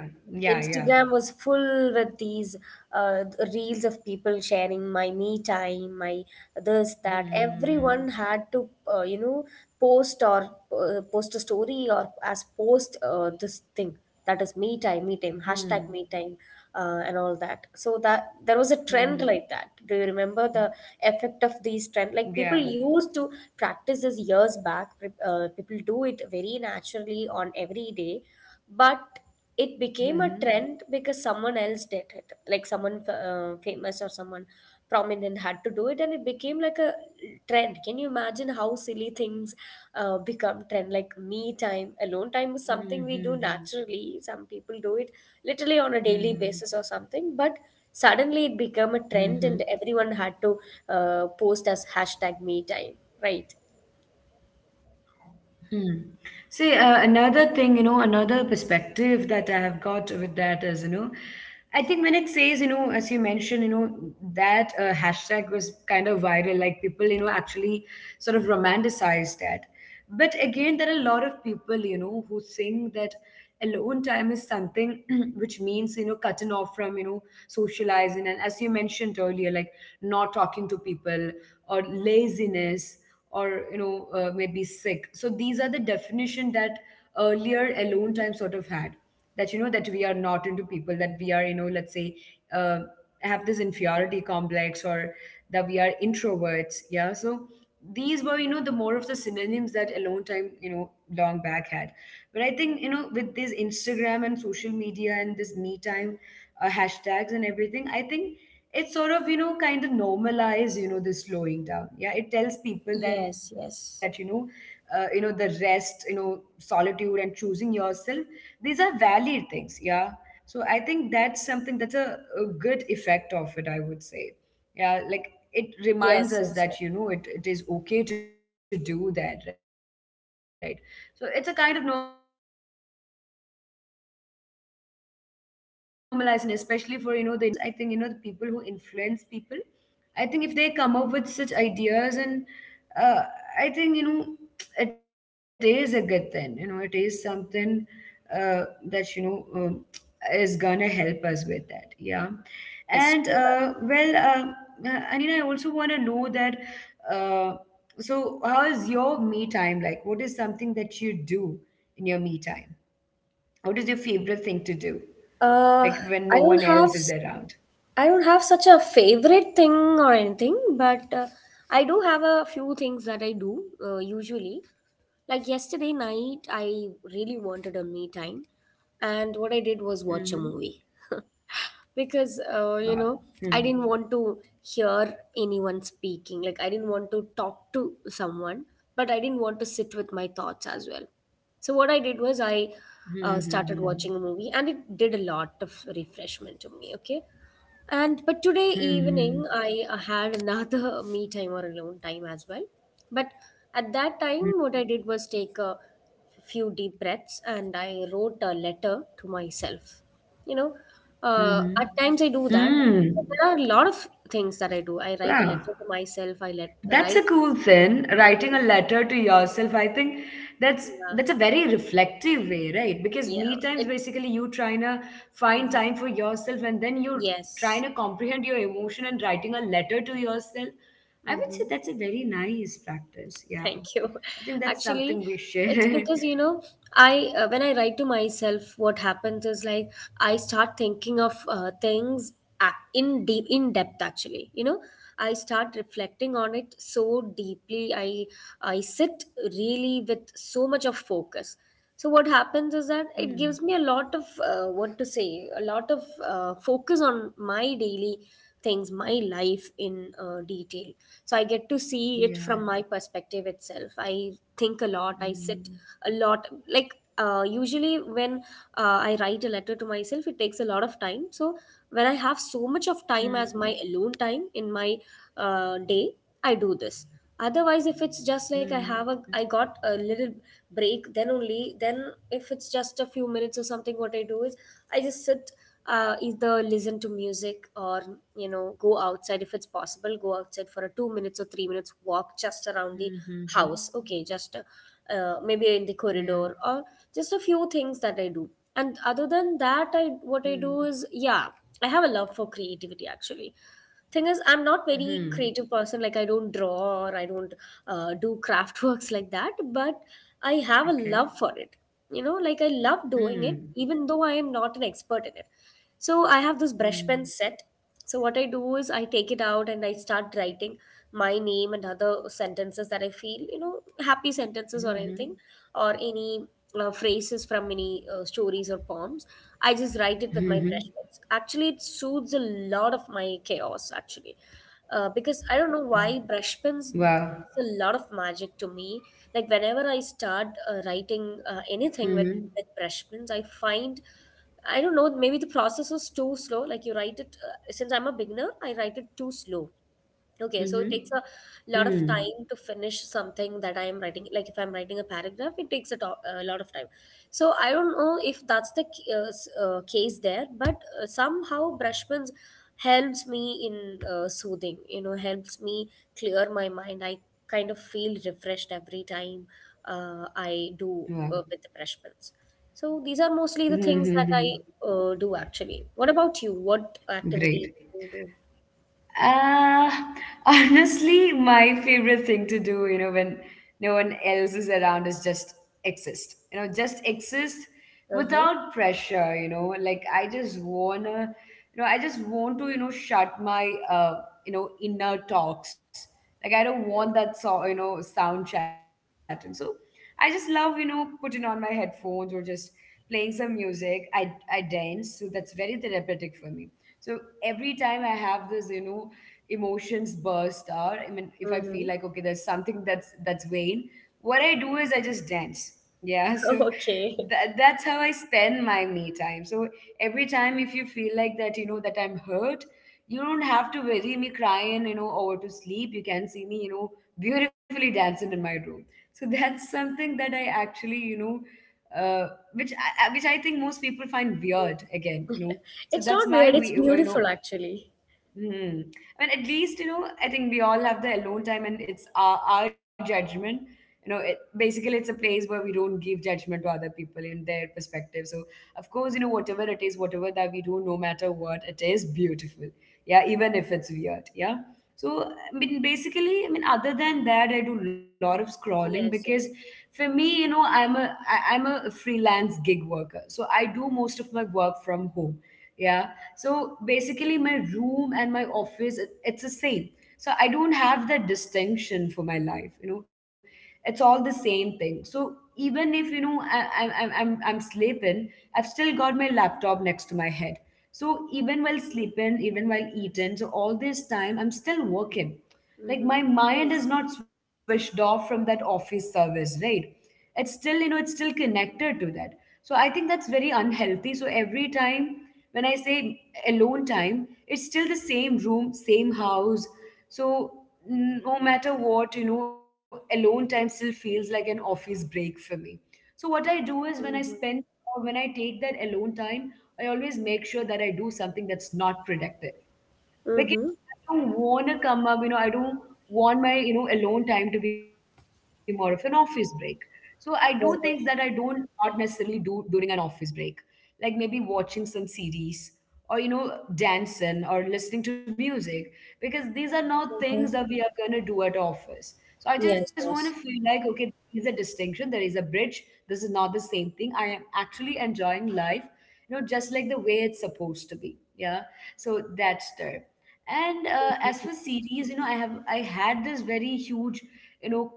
[SPEAKER 1] Yeah, yeah,
[SPEAKER 2] Instagram was
[SPEAKER 1] yeah.
[SPEAKER 2] full with these uh, reels of people sharing my me time, my this that. Everyone had
[SPEAKER 1] Mm-hmm.
[SPEAKER 2] to post or post a story or as post this thing, that is me time, hashtag me
[SPEAKER 1] Mm-hmm.
[SPEAKER 2] time, and all that. So that, there was a trend like that.
[SPEAKER 1] Hmm.
[SPEAKER 2] Do you remember the effect of these
[SPEAKER 1] Yeah.
[SPEAKER 2] trend? Like people used to practice this years back. People do it very naturally on every day, but it became a
[SPEAKER 1] Mm-hmm.
[SPEAKER 2] trend because someone else did it. Like someone famous or someone prominent had to do it, and it became like a trend. Can you imagine how silly things become trend? Like me time, alone time is
[SPEAKER 1] Mm-hmm.
[SPEAKER 2] something we do
[SPEAKER 1] Mm-hmm.
[SPEAKER 2] naturally. Some people do it literally on a daily
[SPEAKER 1] Mm-hmm.
[SPEAKER 2] basis or something, but suddenly it became a
[SPEAKER 1] Mm-hmm.
[SPEAKER 2] trend, and everyone had to post as hashtag me time, right?
[SPEAKER 1] Hmm. See, another thing, you know, another perspective that I have got with that is, you know, I think when it says, you know, as you mentioned, you know, that hashtag was kind of viral, like people, you know, actually sort of romanticized that. But again, there are a lot of people, you know, who think that alone time is something which means, you know, cutting off from, you know, socializing. And as you mentioned earlier, like not talking to people, or laziness, or you know maybe sick. So these are the definition that earlier alone time sort of had, that you know that we are not into people, that we are you know, let's say, uh, have this inferiority complex, or that we are introverts, yeah. So these were you know the more of the synonyms that alone time you know long back had. But I think you know with this Instagram and social media and this me time hashtags and everything, I think it sort of you know kind of normalize you know the slowing down, yeah. It tells people that
[SPEAKER 2] Yes, yes.
[SPEAKER 1] you know the rest, you know, solitude and choosing yourself, these are valid things, yeah. So I think that's something that's a good effect of it, I would say. Yeah, like it reminds
[SPEAKER 2] Yes,
[SPEAKER 1] us
[SPEAKER 2] yes,
[SPEAKER 1] that
[SPEAKER 2] yes.
[SPEAKER 1] you know it is okay to do that, right? So it's a kind of normalizing, especially for you know the influencers or people who are you know, I won't say influencers, I think you know the people who influence people. I think if they come up with such ideas, and uh, I think you know, it is a good thing. You know, it is something uh, that you know is gonna help us with that. Yeah, and uh, well,
[SPEAKER 2] Yes.
[SPEAKER 1] uh, uh, Anina, I also want to know that. Uh, so, how is your me time like? What is something that you do in your me time? What is your favorite thing to do, like when no
[SPEAKER 2] Uh,
[SPEAKER 1] one
[SPEAKER 2] I
[SPEAKER 1] else
[SPEAKER 2] don't
[SPEAKER 1] is
[SPEAKER 2] have
[SPEAKER 1] around?
[SPEAKER 2] s- I don't have such a favorite thing or anything, but I do have a few things that I do usually. Like yesterday night, I really wanted a me time, and what I did was watch a
[SPEAKER 1] Mm-hmm.
[SPEAKER 2] movie. Because
[SPEAKER 1] Wow.
[SPEAKER 2] you know,
[SPEAKER 1] Hmm.
[SPEAKER 2] I didn't want to hear anyone speaking, like I didn't want to talk to someone, but I didn't want to sit with my thoughts as well. So what I did was i
[SPEAKER 1] Hmm.
[SPEAKER 2] uh,
[SPEAKER 1] Hmm.
[SPEAKER 2] started watching a movie, and it did a lot of refreshment to me. Okay. And but today
[SPEAKER 1] Hmm.
[SPEAKER 2] evening I had another me time or alone time as well. But at that time,
[SPEAKER 1] Hmm.
[SPEAKER 2] what I did was take a few deep breaths, and I wrote a letter to myself, you know.
[SPEAKER 1] Hmm,
[SPEAKER 2] At
[SPEAKER 1] hmm,
[SPEAKER 2] times I do
[SPEAKER 1] hmm,
[SPEAKER 2] that.
[SPEAKER 1] hmm.
[SPEAKER 2] So there are a lot of things that I do. I write a
[SPEAKER 1] Wow.
[SPEAKER 2] letter to myself, I let
[SPEAKER 1] That's a
[SPEAKER 2] write
[SPEAKER 1] cool thing. Writing
[SPEAKER 2] something.
[SPEAKER 1] a letter to yourself, I think that's
[SPEAKER 2] Yeah.
[SPEAKER 1] that's a very reflective way, right? Because
[SPEAKER 2] Yeah.
[SPEAKER 1] me
[SPEAKER 2] It.
[SPEAKER 1] times basically you trying to
[SPEAKER 2] Mhm.
[SPEAKER 1] find time for yourself and then you
[SPEAKER 2] Yes.
[SPEAKER 1] trying to comprehend your emotion and writing a letter to yourself.
[SPEAKER 2] Hmm.
[SPEAKER 1] I would say that's a very nice practice.
[SPEAKER 2] Thank
[SPEAKER 1] Yeah.
[SPEAKER 2] you.
[SPEAKER 1] I think that's
[SPEAKER 2] Actually,
[SPEAKER 1] something we
[SPEAKER 2] it's because you
[SPEAKER 1] share.
[SPEAKER 2] know, I when I write to myself, what happens is like I start thinking of things in depth. Actually, I start reflecting on it so deeply. I sit really with so much of focus. So what happens is that it gives me a
[SPEAKER 1] Hmm.
[SPEAKER 2] lot of what to say, a lot of focus on my daily things, my life in detail. So I get to see it from my
[SPEAKER 1] Yeah.
[SPEAKER 2] perspective itself. I think a lot, I sit
[SPEAKER 1] Hmm.
[SPEAKER 2] a lot, like usually when I write a letter to myself it takes a lot of time. So when I have so much of
[SPEAKER 1] Hmm.
[SPEAKER 2] time as my alone time in my day, I do this. Otherwise, if it's
[SPEAKER 1] Hmm.
[SPEAKER 2] just like I got a little break, then only then, if it's just a few minutes or something, what I do is I just sit, either listen to music or go outside if it's possible, go outside for a 2 minutes or 3 minutes walk just around the
[SPEAKER 1] Mm-hmm.
[SPEAKER 2] house. Okay, just maybe in the
[SPEAKER 1] Yeah.
[SPEAKER 2] corridor, or just a few things that I do. And other than that, I what I
[SPEAKER 1] Mm-hmm.
[SPEAKER 2] do is, yeah, I have a love for creativity, actually. Thing is, I'm not very
[SPEAKER 1] Mm-hmm.
[SPEAKER 2] creative person, like I don't draw or I don't do craft works like that. But I have a love
[SPEAKER 1] Okay.
[SPEAKER 2] for it, like I love doing it
[SPEAKER 1] Hmm.
[SPEAKER 2] even though I am not an expert in it. So I have this brush pen
[SPEAKER 1] Mm.
[SPEAKER 2] set, so what I do is I take it out and I start writing my name and other sentences that I feel, happy sentences or
[SPEAKER 1] Mm-hmm.
[SPEAKER 2] anything, or any phrases from many stories or poems. I just write it with my
[SPEAKER 1] Mm-hmm.
[SPEAKER 2] brush pens. Actually, it soothes a lot of my chaos. Actually, because I don't know why brush pens does
[SPEAKER 1] Wow.
[SPEAKER 2] a lot of magic to me. Like whenever I start writing
[SPEAKER 1] Mm-hmm.
[SPEAKER 2] anything with brush pens, I find, I don't know, maybe the process is too slow. Like you write it, since I'm a beginner, I write it too slow. Okay, so
[SPEAKER 1] Mm-hmm.
[SPEAKER 2] it takes a lot of
[SPEAKER 1] Hmm.
[SPEAKER 2] time to finish something that I am writing. Like if I'm writing a paragraph, it takes a lot of time. So I don't know if that's the case there, but somehow Brushman's helps me in soothing. You know, helps me clear my mind. I kind of feel refreshed every time I do
[SPEAKER 1] Wow.
[SPEAKER 2] with the Brushmans. So these are mostly the
[SPEAKER 1] Mm-hmm.
[SPEAKER 2] things that
[SPEAKER 1] Mm-hmm.
[SPEAKER 2] I do, actually. What about you? What activities
[SPEAKER 1] Great.
[SPEAKER 2] do you do?
[SPEAKER 1] Uh, honestly, my favorite thing to do, you know, when no one else is around is just exist. You know, just exist
[SPEAKER 2] Uh
[SPEAKER 1] without pressure, you know. Like I just wanna, you know, I just want to, you know, shut my you know, inner talks. Like I don't want that so, you know, sound chatting. So I just love, you know, putting on my headphones or just playing some music. I dance, so that's very therapeutic for me, so every time I have this, you know, emotions burst out. I mean, if I feel like
[SPEAKER 2] huh.
[SPEAKER 1] okay, there's something that's vain, what I do is I just dance. Yeah, so
[SPEAKER 2] Okay.
[SPEAKER 1] that's how I spend my me time. So every time if you feel like that, you know, that I'm hurt, you don't have to worry me crying, you know, or to sleep. You can see me, you know, beautifully dancing in my room. So that's something that I actually, you know, uh, which which I think most people find weird. Again, you know,
[SPEAKER 2] It's
[SPEAKER 1] so
[SPEAKER 2] not
[SPEAKER 1] that's
[SPEAKER 2] weird,
[SPEAKER 1] my
[SPEAKER 2] it's
[SPEAKER 1] we you
[SPEAKER 2] beautiful,
[SPEAKER 1] know.
[SPEAKER 2] actually.
[SPEAKER 1] Hmm. I mean at least you know I think we all have the alone time and it's our judgment, you know, it, basically it's a place where we don't give judgment to other people in their perspective. So of course you know whatever it is, whatever that we do, no matter what, it is beautiful, yeah, even if it's weird, yeah. So I mean basically, I mean other than that, I do a lot of scrolling, because
[SPEAKER 2] Yes, yes.
[SPEAKER 1] for me you know I'm a freelance gig worker, so I do most of my work from home, yeah. So basically, my room and my office, it's the same. So I don't have that distinction for my life. You know, it's all the same thing. So even if you know I'm sleeping, I've still got my laptop next to my head. So even while sleeping, even while eating, so all this time I'm still working. Like
[SPEAKER 2] Mm-hmm.
[SPEAKER 1] my mind
[SPEAKER 2] Nice.
[SPEAKER 1] is not switched off from that office service, right? It's still you know it's still connected to that. So I think that's very unhealthy. So every time when I say alone time, it's still the same room, same house. So no matter what, you know, alone time still feels like an office break for me. So what I do is when I
[SPEAKER 2] Mm-hmm.
[SPEAKER 1] spend, or when I take that alone time, I always make sure that I do something that's not productive, because
[SPEAKER 2] Mm-hmm.
[SPEAKER 1] I don't want to come up, you know, I don't want my, you know, alone time to be more of an office break. So I do things that I don't
[SPEAKER 2] Mhm.
[SPEAKER 1] not necessarily do during an office break, like maybe watching some series, or, you know, dancing or listening to music, because these are not things that we are going to do at office. So I just
[SPEAKER 2] Yes,
[SPEAKER 1] want to feel
[SPEAKER 2] yes.
[SPEAKER 1] like, okay, there is a distinction, there is a bridge. This is not the same thing. I am actually enjoying life, you know, just like the way it's supposed to be, yeah. So that's there. And as for series, you know, I have I had this very huge, you know,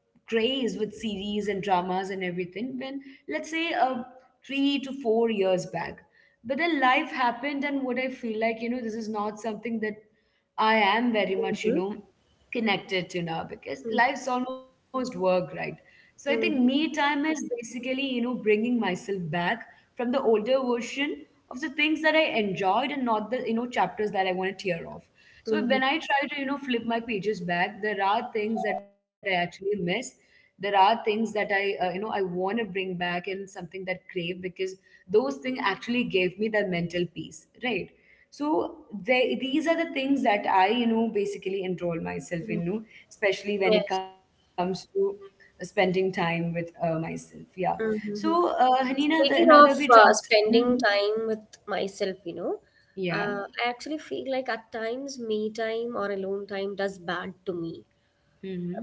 [SPEAKER 1] craze with series and dramas and everything when let's say 3 to 4 years back. But then life happened, and what I feel like, you know, this is not something that I am very much, you
[SPEAKER 2] Mm-hmm.
[SPEAKER 1] know, connected to now because life's almost work, right? So I think
[SPEAKER 2] Mm-hmm.
[SPEAKER 1] me time is basically, you know, bringing myself back from the older version of the things that I enjoyed and not the you know chapters that I want to tear off. So when I try to you know flip my pages back, there are things that I actually miss. There are things that I I want to bring back and something that crave, because those things actually gave me that mental peace, right? So these are the things that I basically enroll myself in,
[SPEAKER 2] Yes.
[SPEAKER 1] especially when it comes to spending time with myself. Yeah.
[SPEAKER 2] Mm-hmm.
[SPEAKER 1] So, Hanina,
[SPEAKER 2] Speaking of
[SPEAKER 1] now that we talked.
[SPEAKER 2] spending
[SPEAKER 1] Mhm.
[SPEAKER 2] time with myself, I
[SPEAKER 1] Yeah.
[SPEAKER 2] actually feel like at times me time or alone time does bad to me.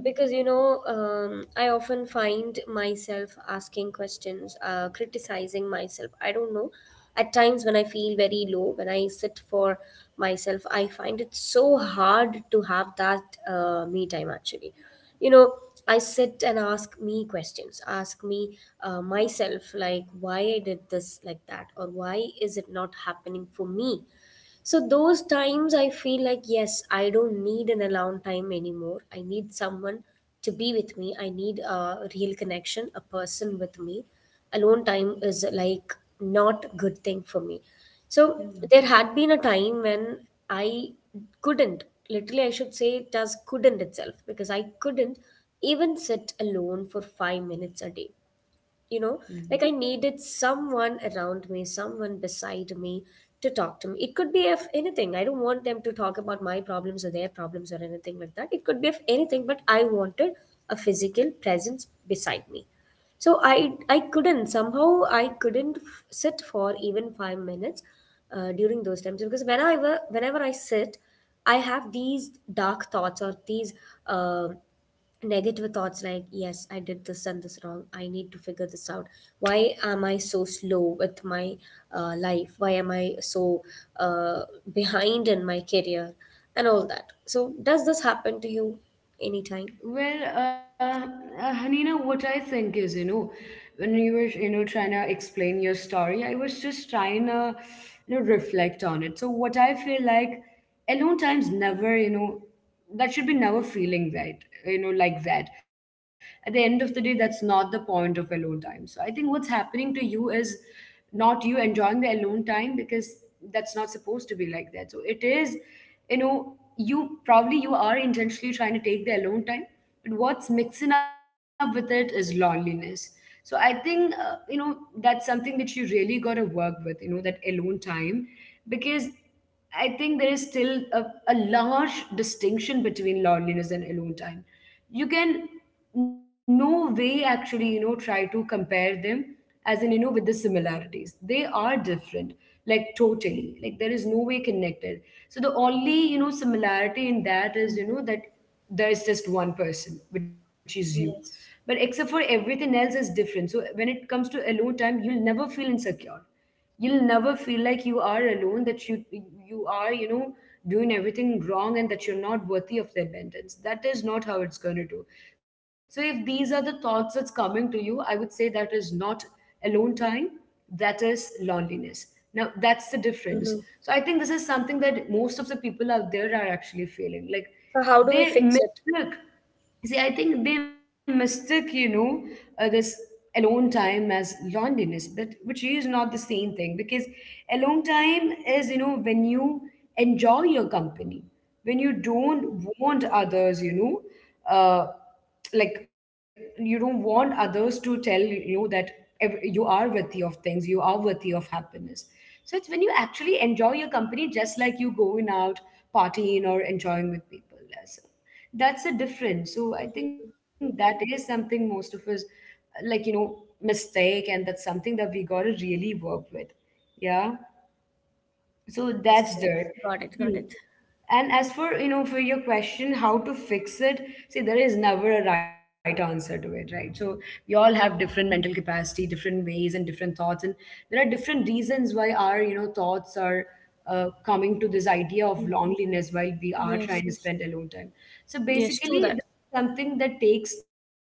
[SPEAKER 2] Because
[SPEAKER 1] Hmm.
[SPEAKER 2] I often find myself asking questions, criticizing myself, I don't know, at times when I feel very low, when I sit for myself I find it so hard to have that me time, actually. you know I sit and ask me questions, ask me, myself, like why I did this like that or why is it not happening for me. So those times I feel like, yes, I don't need an alone time anymore. I need someone to be with me. I need a real connection, a person with me. Alone time is like not a good thing for me. So there
[SPEAKER 1] Hmm.
[SPEAKER 2] had been a time when I couldn't, literally I should say it as couldn't itself, because I couldn't even sit alone for 5 minutes a day you know like,
[SPEAKER 1] Hmm.
[SPEAKER 2] I needed someone around me, someone beside me to talk to me. It could be of anything, I don't want them to talk about my problems or their problems or anything like that, it could be of anything, but I wanted a physical presence beside me. So I couldn't, somehow I couldn't sit for even 5 minutes, during those times, because whenever I sit I have these dark thoughts, or these um negative thoughts, like yes I did this and this wrong, I need to figure this out. Why am I so slow with my life, why am I so uh, behind in my career and all that? So does this happen to you anytime?
[SPEAKER 1] Well, Hanina, what I think is, when you were, trying to explain your story, I was just trying to, reflect on it. So what I feel like, alone time's never, that should be never feeling right, like that. At the end of the day, that's not the point of alone time. So I think what's happening to you is not you enjoying the alone time, because that's not supposed to be like that. So it is, you are intentionally trying to take the alone time, but what's mixing up with it is loneliness. So I think that's something that you really got to work with, that alone time, because I think there is still a large distinction between loneliness and alone time. You can no way actually try to compare them, as in, with the similarities they are different. Like totally, like there is no way connected. So the only similarity in that is, that there is just one person, which is you. But
[SPEAKER 2] Yes.
[SPEAKER 1] except for, everything else is different. So when it comes to alone time, you'll never feel insecure. You'll never feel like you are alone, that you are doing everything wrong and that you're not worthy of the abundance. That is not how it's going to do. So if these are the thoughts that's coming to you, I would say that is not alone time, that is loneliness. Now that's the difference.
[SPEAKER 2] Mm-hmm.
[SPEAKER 1] So I think this is something that most of the people out there are actually feeling like
[SPEAKER 2] So how do we
[SPEAKER 1] they
[SPEAKER 2] fix it?
[SPEAKER 1] mistake. See, I think they mistook this alone time as loneliness, but which is not the same thing, because alone time is, when you enjoy your company, when you don't want othersuh, like you don't want others to tell you that you are worthy of things, you are worthy of happiness. So it's when you actually enjoy your company, just like you going out partying or enjoying with people. That's a difference. So I
[SPEAKER 2] Mhm.
[SPEAKER 1] think that is something most of us, like, you know, mistake, and that's something that we got to really work with. Yeah. So
[SPEAKER 2] Yes,
[SPEAKER 1] that's dirt.
[SPEAKER 2] yes, got it, got
[SPEAKER 1] Hmm.
[SPEAKER 2] it.
[SPEAKER 1] And as for for your question, how to fix it, see, there is never a right answer to it, right? So we all have different mental capacity, different ways and different thoughts. And there are different reasons why our thoughts are coming to this idea of
[SPEAKER 2] Mm.
[SPEAKER 1] loneliness while we are
[SPEAKER 2] Yes,
[SPEAKER 1] trying to
[SPEAKER 2] yes.
[SPEAKER 1] spend alone time. So
[SPEAKER 2] Yes, true
[SPEAKER 1] basically,
[SPEAKER 2] that.
[SPEAKER 1] this something that takes time.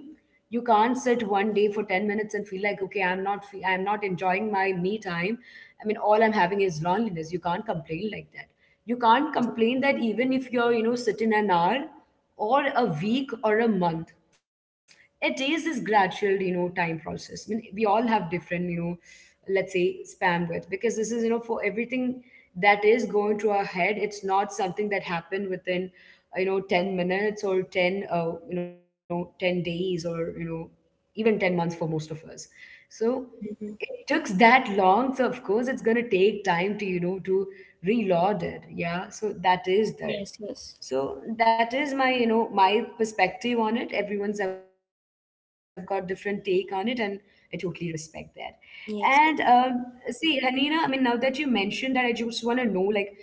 [SPEAKER 1] You can't sit one day for 10 minutes and feel like, okay, I'm not enjoying my me time. I mean, all I'm having is loneliness. You can't complain like that. You can't complain that even if you're, sitting an hour or a week or a month, it is this gradual, time process. I mean, we all have different, let's say spam with, because this is, for everything that is going to our head, it's not something that happened within 10 minutes or 10 days or even 10 months for most of us. So
[SPEAKER 2] Mhm.
[SPEAKER 1] it took that long, so of course it's going to take time to to reload it. Yeah, so that is there.
[SPEAKER 2] Yes, yes,
[SPEAKER 1] So that is my my perspective on it. Everyone's have got different take on it, and I totally respect that. And
[SPEAKER 2] yes.
[SPEAKER 1] see, Hanina, I mean now that you mentioned that, I just want to know, like,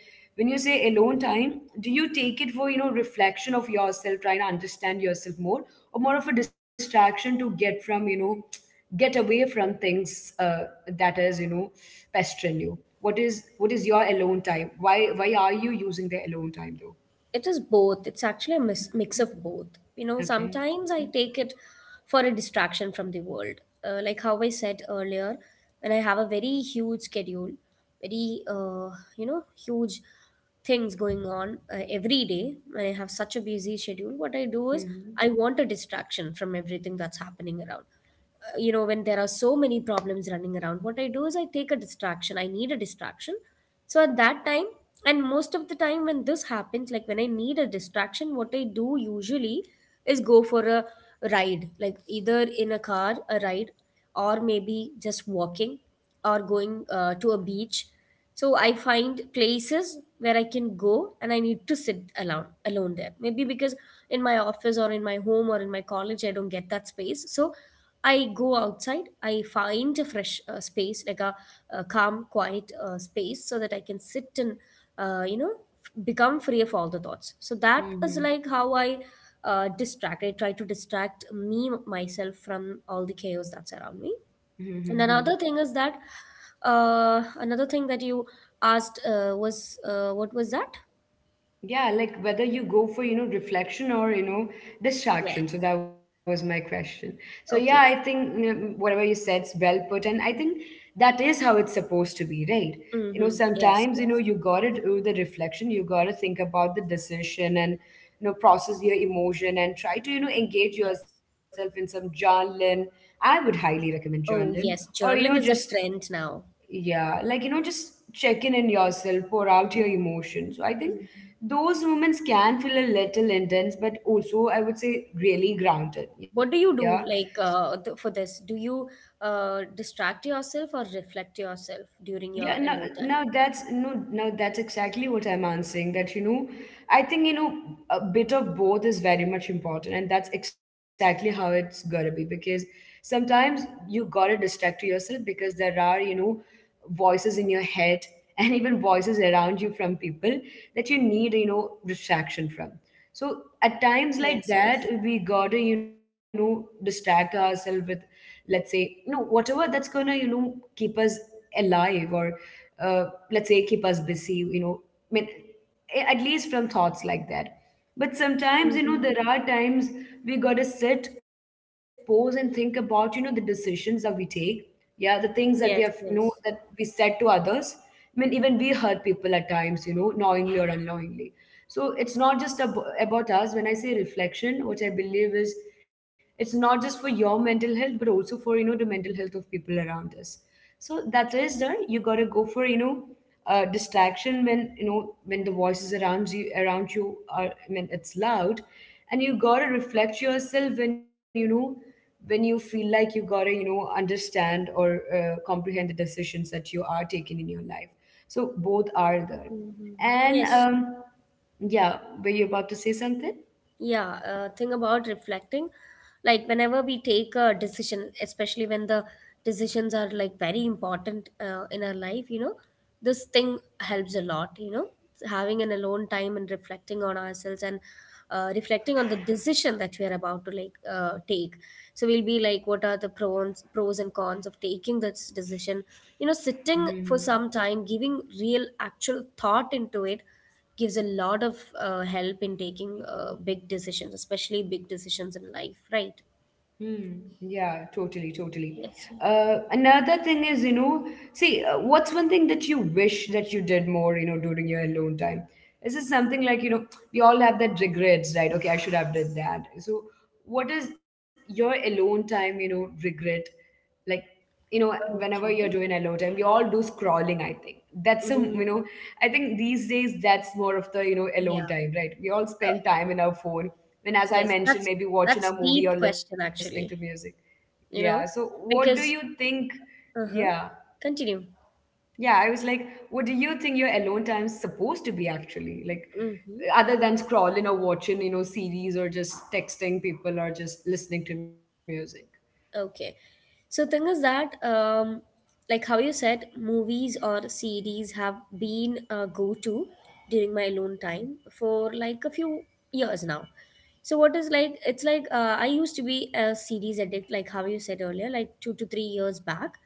[SPEAKER 1] when you say alone time, do you take it for reflection of yourself, trying to understand yourself more, or more of a distraction to get away from things that is pestering you. What is your alone time? Why are you using the alone time, though?
[SPEAKER 2] It is both. It's actually a mix of both. You know,
[SPEAKER 1] Okay.
[SPEAKER 2] sometimes I take it for a distraction from the world. Like how I said earlier, when I have a very huge schedule, very, huge things going on every day, when I have such a busy schedule, what I do is,
[SPEAKER 1] Hmm.
[SPEAKER 2] I want a distraction from everything that's happening around, when there are so many problems running around, what I do is I take a distraction, I need a distraction. So at that time, and most of the time when this happens, like when I need a distraction, what I do usually is go for a ride, like either in a car, a ride, or maybe just walking, or going to a beach. So I find places where I can go and I need to sit alone, alone there, maybe because in my office or in my home or in my college I don't get that space. So I go outside, I find a fresh space, like a calm, quiet space, so that I can sit and, uh, you know become free of all the thoughts. So that is
[SPEAKER 1] Hmm.
[SPEAKER 2] like how I distract I try to distract me myself from all the chaos that's around me. And
[SPEAKER 1] Hmm.
[SPEAKER 2] another thing is that, another thing that you asked, was, what was that?
[SPEAKER 1] Yeah, like whether you go for, reflection or,
[SPEAKER 2] Yes.
[SPEAKER 1] distraction. So that was my question. So yeah,
[SPEAKER 2] Okay.
[SPEAKER 1] I think whatever you said is well put. And I think that is how it's supposed to be, right? You know,
[SPEAKER 2] Mm-hmm. Yes.
[SPEAKER 1] sometimes,
[SPEAKER 2] Yes.
[SPEAKER 1] you gotta do the reflection, you gotta think about the decision and process your emotion and try to engage
[SPEAKER 2] Yes.
[SPEAKER 1] yourself in some journaling. I would highly recommend journaling
[SPEAKER 2] Oh, yes.
[SPEAKER 1] or, you know,
[SPEAKER 2] Journaling is
[SPEAKER 1] just.
[SPEAKER 2] a trend now.
[SPEAKER 1] Yeah, like just checking in yourself, pour out your emotions. So I think
[SPEAKER 2] Mm.
[SPEAKER 1] those moments can feel a little intense, but also I would say really grounded.
[SPEAKER 2] What
[SPEAKER 1] Yeah.
[SPEAKER 2] do you do
[SPEAKER 1] So,
[SPEAKER 2] like, for this? Do you distract yourself or reflect yourself during your
[SPEAKER 1] yeah, no,
[SPEAKER 2] alone time?
[SPEAKER 1] no, that's exactly what I'm answering. That I think a bit of both is very much important, and that's exactly how it's gotta be, because sometimes you gotta distract yourself because there are voices in your head and even voices around you from people that you need distraction from. So at times like
[SPEAKER 2] Yes.
[SPEAKER 1] that,
[SPEAKER 2] Yes.
[SPEAKER 1] we gotta distract ourselves with, let's say, whatever that's gonna keep us alive or uh, let's say keep us busy I mean, at least from thoughts like that. But sometimes there
[SPEAKER 2] Hmm.
[SPEAKER 1] are times we gotta sit, pause and think about the decisions that we take, yeah, the things that we have
[SPEAKER 2] Yes.
[SPEAKER 1] that
[SPEAKER 2] Yes.
[SPEAKER 1] we said to others. I mean, even we hurt people at times, knowingly or unknowingly. So it's not just about us. When I say reflection, what I believe is, it's not just for your mental health but also for the mental health of people around us. So that is there. You gotta go for distraction when the voices around you are, I mean, it's loud. And you gotta reflect yourself when you feel like you gotta understand or comprehend the decisions that you are taking in your life. So both are there.
[SPEAKER 2] Hmm.
[SPEAKER 1] And
[SPEAKER 2] Yes.
[SPEAKER 1] yeah, were you about to say something?
[SPEAKER 2] Yeah, thing about reflecting, like whenever we take a decision, especially when the decisions are like very important in our life, this thing helps a lot, having an alone time and reflecting on ourselves and reflecting on the decision that we are about to, like, take. So we'll be like, what are the pros and cons of taking this decision? You know, sitting
[SPEAKER 1] Mhm.
[SPEAKER 2] for some time, giving real actual thought into it gives a lot of help in taking big decisions, especially big decisions in life, right?
[SPEAKER 1] Hmm. Yeah, totally, totally.
[SPEAKER 2] Yes, yeah.
[SPEAKER 1] Another thing is, see, what's one thing that you wish that you did more, during your alone time? This is it something like, we all have that regrets, right? Okay, I should have did that. So, what is your alone time, regret? Like, whenever you're doing
[SPEAKER 2] Okay.
[SPEAKER 1] alone time, we all do scrolling, I think. That's a, you know,
[SPEAKER 2] Mm,
[SPEAKER 1] I think these days that's more of the, alone
[SPEAKER 2] yeah.
[SPEAKER 1] time, right? We all spend time in our phone when, as I
[SPEAKER 2] Yes.
[SPEAKER 1] mentioned,
[SPEAKER 2] That's
[SPEAKER 1] maybe watching
[SPEAKER 2] that's
[SPEAKER 1] a movie or
[SPEAKER 2] deep
[SPEAKER 1] listening
[SPEAKER 2] question,
[SPEAKER 1] to music.
[SPEAKER 2] actually.
[SPEAKER 1] Yeah. So
[SPEAKER 2] You know,
[SPEAKER 1] what do you
[SPEAKER 2] because
[SPEAKER 1] think? Yeah.
[SPEAKER 2] uh-huh. Continue.
[SPEAKER 1] Yeah, I was like, what do you think your alone time is supposed to be actually, like,
[SPEAKER 2] Mm-hmm.
[SPEAKER 1] other than scrolling or watching series or just texting people or just listening to music?
[SPEAKER 2] Okay. So thing is that like how you said, movies or series have been a go-to during my alone time for like a few years now. So what is like it's like, I used to be a series addict like how you said earlier, like 2 to 3 years back.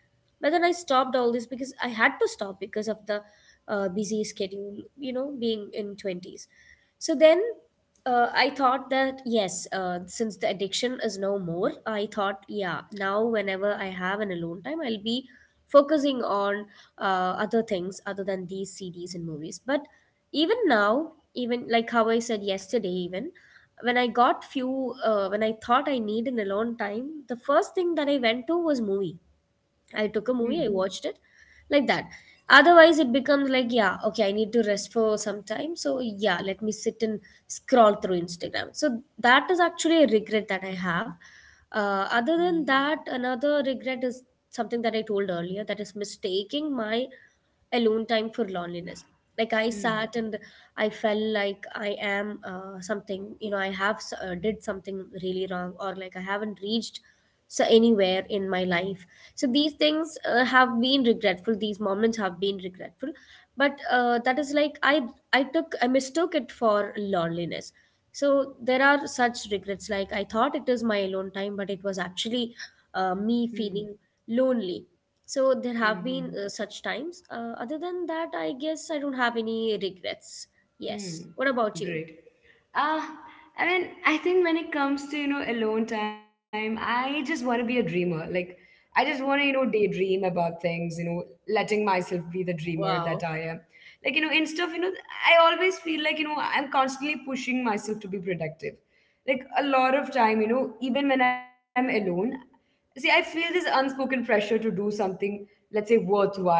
[SPEAKER 2] But then I stopped all this because I had to stop because of the busy schedule, being in 20s. So then I thought that, yes, since the addiction is no more, I thought, yeah, now whenever I have an alone time, I'll be focusing on other things other than these CDs and movies. But even now, even like how I said yesterday, even when I thought I need an alone time, the first thing that I went to was movie. I took a
[SPEAKER 1] Hmm.
[SPEAKER 2] movie, I watched it like that. Otherwise, it becomes like, yeah, okay, I need to rest for some time. So, yeah, let me sit and scroll through Instagram. So that is actually a regret that I have.
[SPEAKER 1] Hmm.
[SPEAKER 2] Other than that, another regret is something that I told earlier, that is mistaking my alone time for loneliness. Like I
[SPEAKER 1] Hmm.
[SPEAKER 2] sat and I felt like I am, something, I have, did something really wrong, or like I haven't reached so anywhere in my life. So these things, have been regretful, these moments have been regretful, but that is like, I mistook it for loneliness. So there are such regrets, like I thought it is my alone time but it was actually,
[SPEAKER 1] Hmm.
[SPEAKER 2] me feeling lonely. So there
[SPEAKER 1] Hmm.
[SPEAKER 2] have
[SPEAKER 1] Hmm.
[SPEAKER 2] been, such times. Other than that, I guess I don't have any regrets. Yes. What
[SPEAKER 1] Hmm.
[SPEAKER 2] about you?
[SPEAKER 1] Great. Uh, I mean, I think when it comes to, alone time, I just want to be a dreamer. Like, I just want to, daydream about things, letting myself be the dreamer that
[SPEAKER 2] Wow.
[SPEAKER 1] I am. Like, you know, instead of, you know, I always feel like, I'm constantly pushing myself to be productive, like a lot of time, even when I'm alone. See, I feel this unspoken pressure to do something, let's say worthwhile.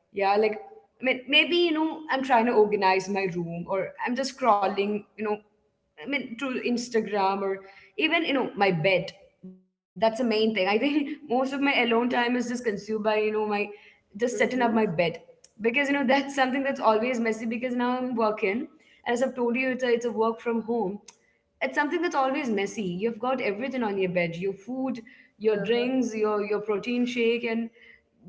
[SPEAKER 1] Yeah, like, I mean, maybe I'm trying to organize my room or I'm just scrolling, I mean to Instagram, or even my bed. That's the main thing, I think most of my alone time is just consumed by my just setting up my
[SPEAKER 2] Mm-hmm.
[SPEAKER 1] bed, because that's something that's always messy, because now I'm working. And as I've told you, it's a work from home. It's something that's always messy. You've got everything on your bed, your food, your
[SPEAKER 2] Uh-huh.
[SPEAKER 1] drinks, your protein shake and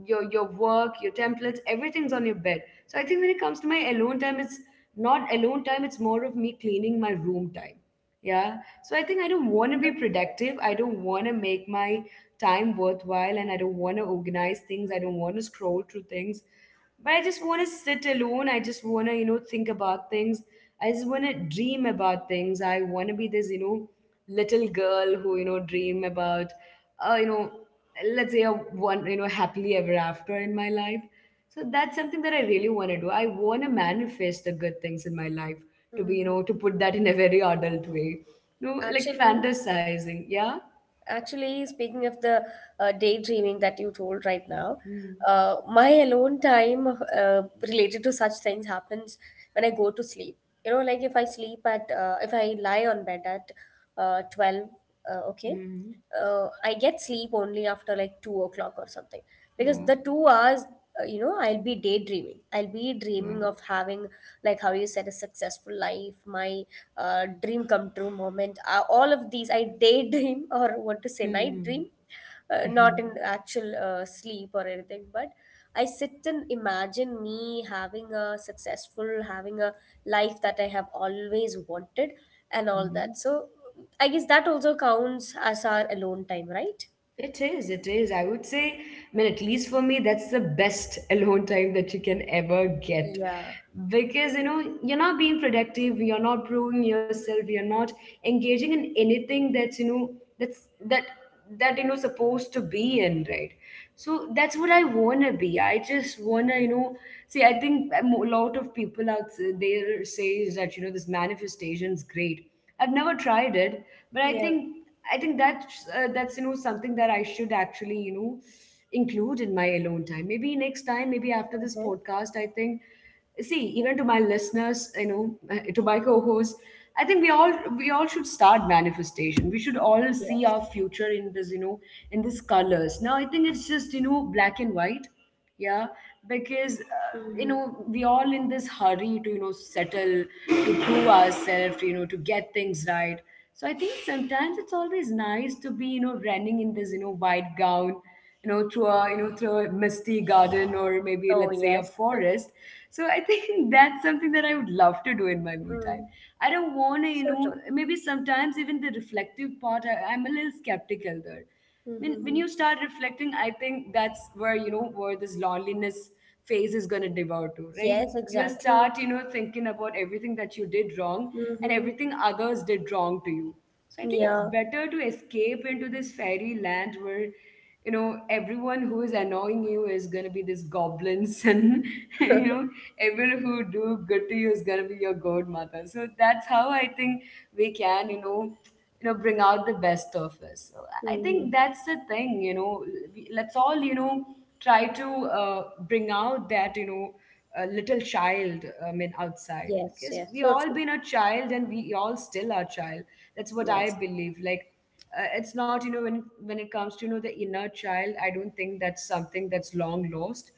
[SPEAKER 1] your work, your templates, everything's on your bed. So I think when it comes to my alone time, it's not alone time, it's more of me cleaning my room time. Yeah. So I think I don't want to be productive. I don't want to make my time worthwhile and I don't want to organize things. I don't want to scroll through things. But I just want to sit alone. I just want to, think about things. I just want to dream about things. I want to be this, little girl who, dream about, uh, you know, let's say a one, happily ever after in my life. So that's something that I really want to do. I want to manifest the good things in my life to be,
[SPEAKER 2] Mhm.
[SPEAKER 1] to put that in a very adult way. You know, like
[SPEAKER 2] Actually,
[SPEAKER 1] fantasizing. Yeah.
[SPEAKER 2] Actually, speaking of the daydreaming that you told right now, my alone time related to such things happens when I go to sleep. You know, like if I sleep at, if I lie on bed at 12, okay,
[SPEAKER 1] Mm-hmm.
[SPEAKER 2] I get sleep only after like 2 o'clock or something. Because
[SPEAKER 1] Yeah.
[SPEAKER 2] the 2 hours, you know, I'll be daydreaming. I'll be
[SPEAKER 1] Yeah.
[SPEAKER 2] dreaming of having, like how you said, a successful life, my dream come true moment. All of these, I daydream or what to say, night dream,
[SPEAKER 1] Mm-hmm.
[SPEAKER 2] not in actual sleep or anything, but I sit and imagine me having a successful, having a life that I have always wanted and all
[SPEAKER 1] Mm-hmm.
[SPEAKER 2] that. So I guess that also counts as our alone time, right?
[SPEAKER 1] It is, it is. I would say, I mean, at least for me, that's the best alone time that you can ever get.
[SPEAKER 2] Yeah.
[SPEAKER 1] Because, you're not being productive, you're not proving yourself, you're not engaging in anything that's, that's that supposed to be in, right? So that's what I wanna be. I just wanna, see. I think lot of people out there says that this manifestation is great. I've never tried it, but
[SPEAKER 2] Yeah.
[SPEAKER 1] I think that's something that I should actually include in my alone time. Maybe next time, maybe after this
[SPEAKER 2] Mhm.
[SPEAKER 1] podcast, I think see, even to my listeners, to my co hosts. I think we all should start manifestation. We should all see our
[SPEAKER 2] Yes.
[SPEAKER 1] future in this, in these colors. Now I think it's just, black and white. Yeah. Because
[SPEAKER 2] Mhm.
[SPEAKER 1] we all in this hurry to, settle, to prove ourselves, to get things right. So I think sometimes it's always nice to be, running in this, white gown, through a, through a misty garden, or maybe
[SPEAKER 2] Oh,
[SPEAKER 1] let's say a
[SPEAKER 2] yes.
[SPEAKER 1] forest. So I think that's something that I would love to do in my me time.
[SPEAKER 2] Mm.
[SPEAKER 1] I don't want to,
[SPEAKER 2] So true.
[SPEAKER 1] maybe sometimes even the reflective part, I'm a little skeptical there. When
[SPEAKER 2] Mm-hmm.
[SPEAKER 1] you start reflecting, I think that's where, where this loneliness phase is going to devour to, right?
[SPEAKER 2] Yes,
[SPEAKER 1] You'll
[SPEAKER 2] exactly.
[SPEAKER 1] start, thinking about everything that you did wrong and
[SPEAKER 2] Mm-hmm.
[SPEAKER 1] everything others did wrong to you. So I think it's
[SPEAKER 2] Yeah.
[SPEAKER 1] better to escape into this fairy land where, everyone who is annoying you is gonna be this goblins, and you know everyone who do good to you is gonna be your godmother. So that's how I think we can, bring out the best of us. So I think
[SPEAKER 2] Mm-hmm.
[SPEAKER 1] that's the thing, let's all, try to, bring out that, a little child, I mean, outside,
[SPEAKER 2] Yes,
[SPEAKER 1] because
[SPEAKER 2] yes,
[SPEAKER 1] we
[SPEAKER 2] so
[SPEAKER 1] all
[SPEAKER 2] true.
[SPEAKER 1] been a child and we all still are child. That's what I
[SPEAKER 2] Yes.
[SPEAKER 1] believe. Like, it's not, when it comes to, the inner child, I don't think that's something that's long lost.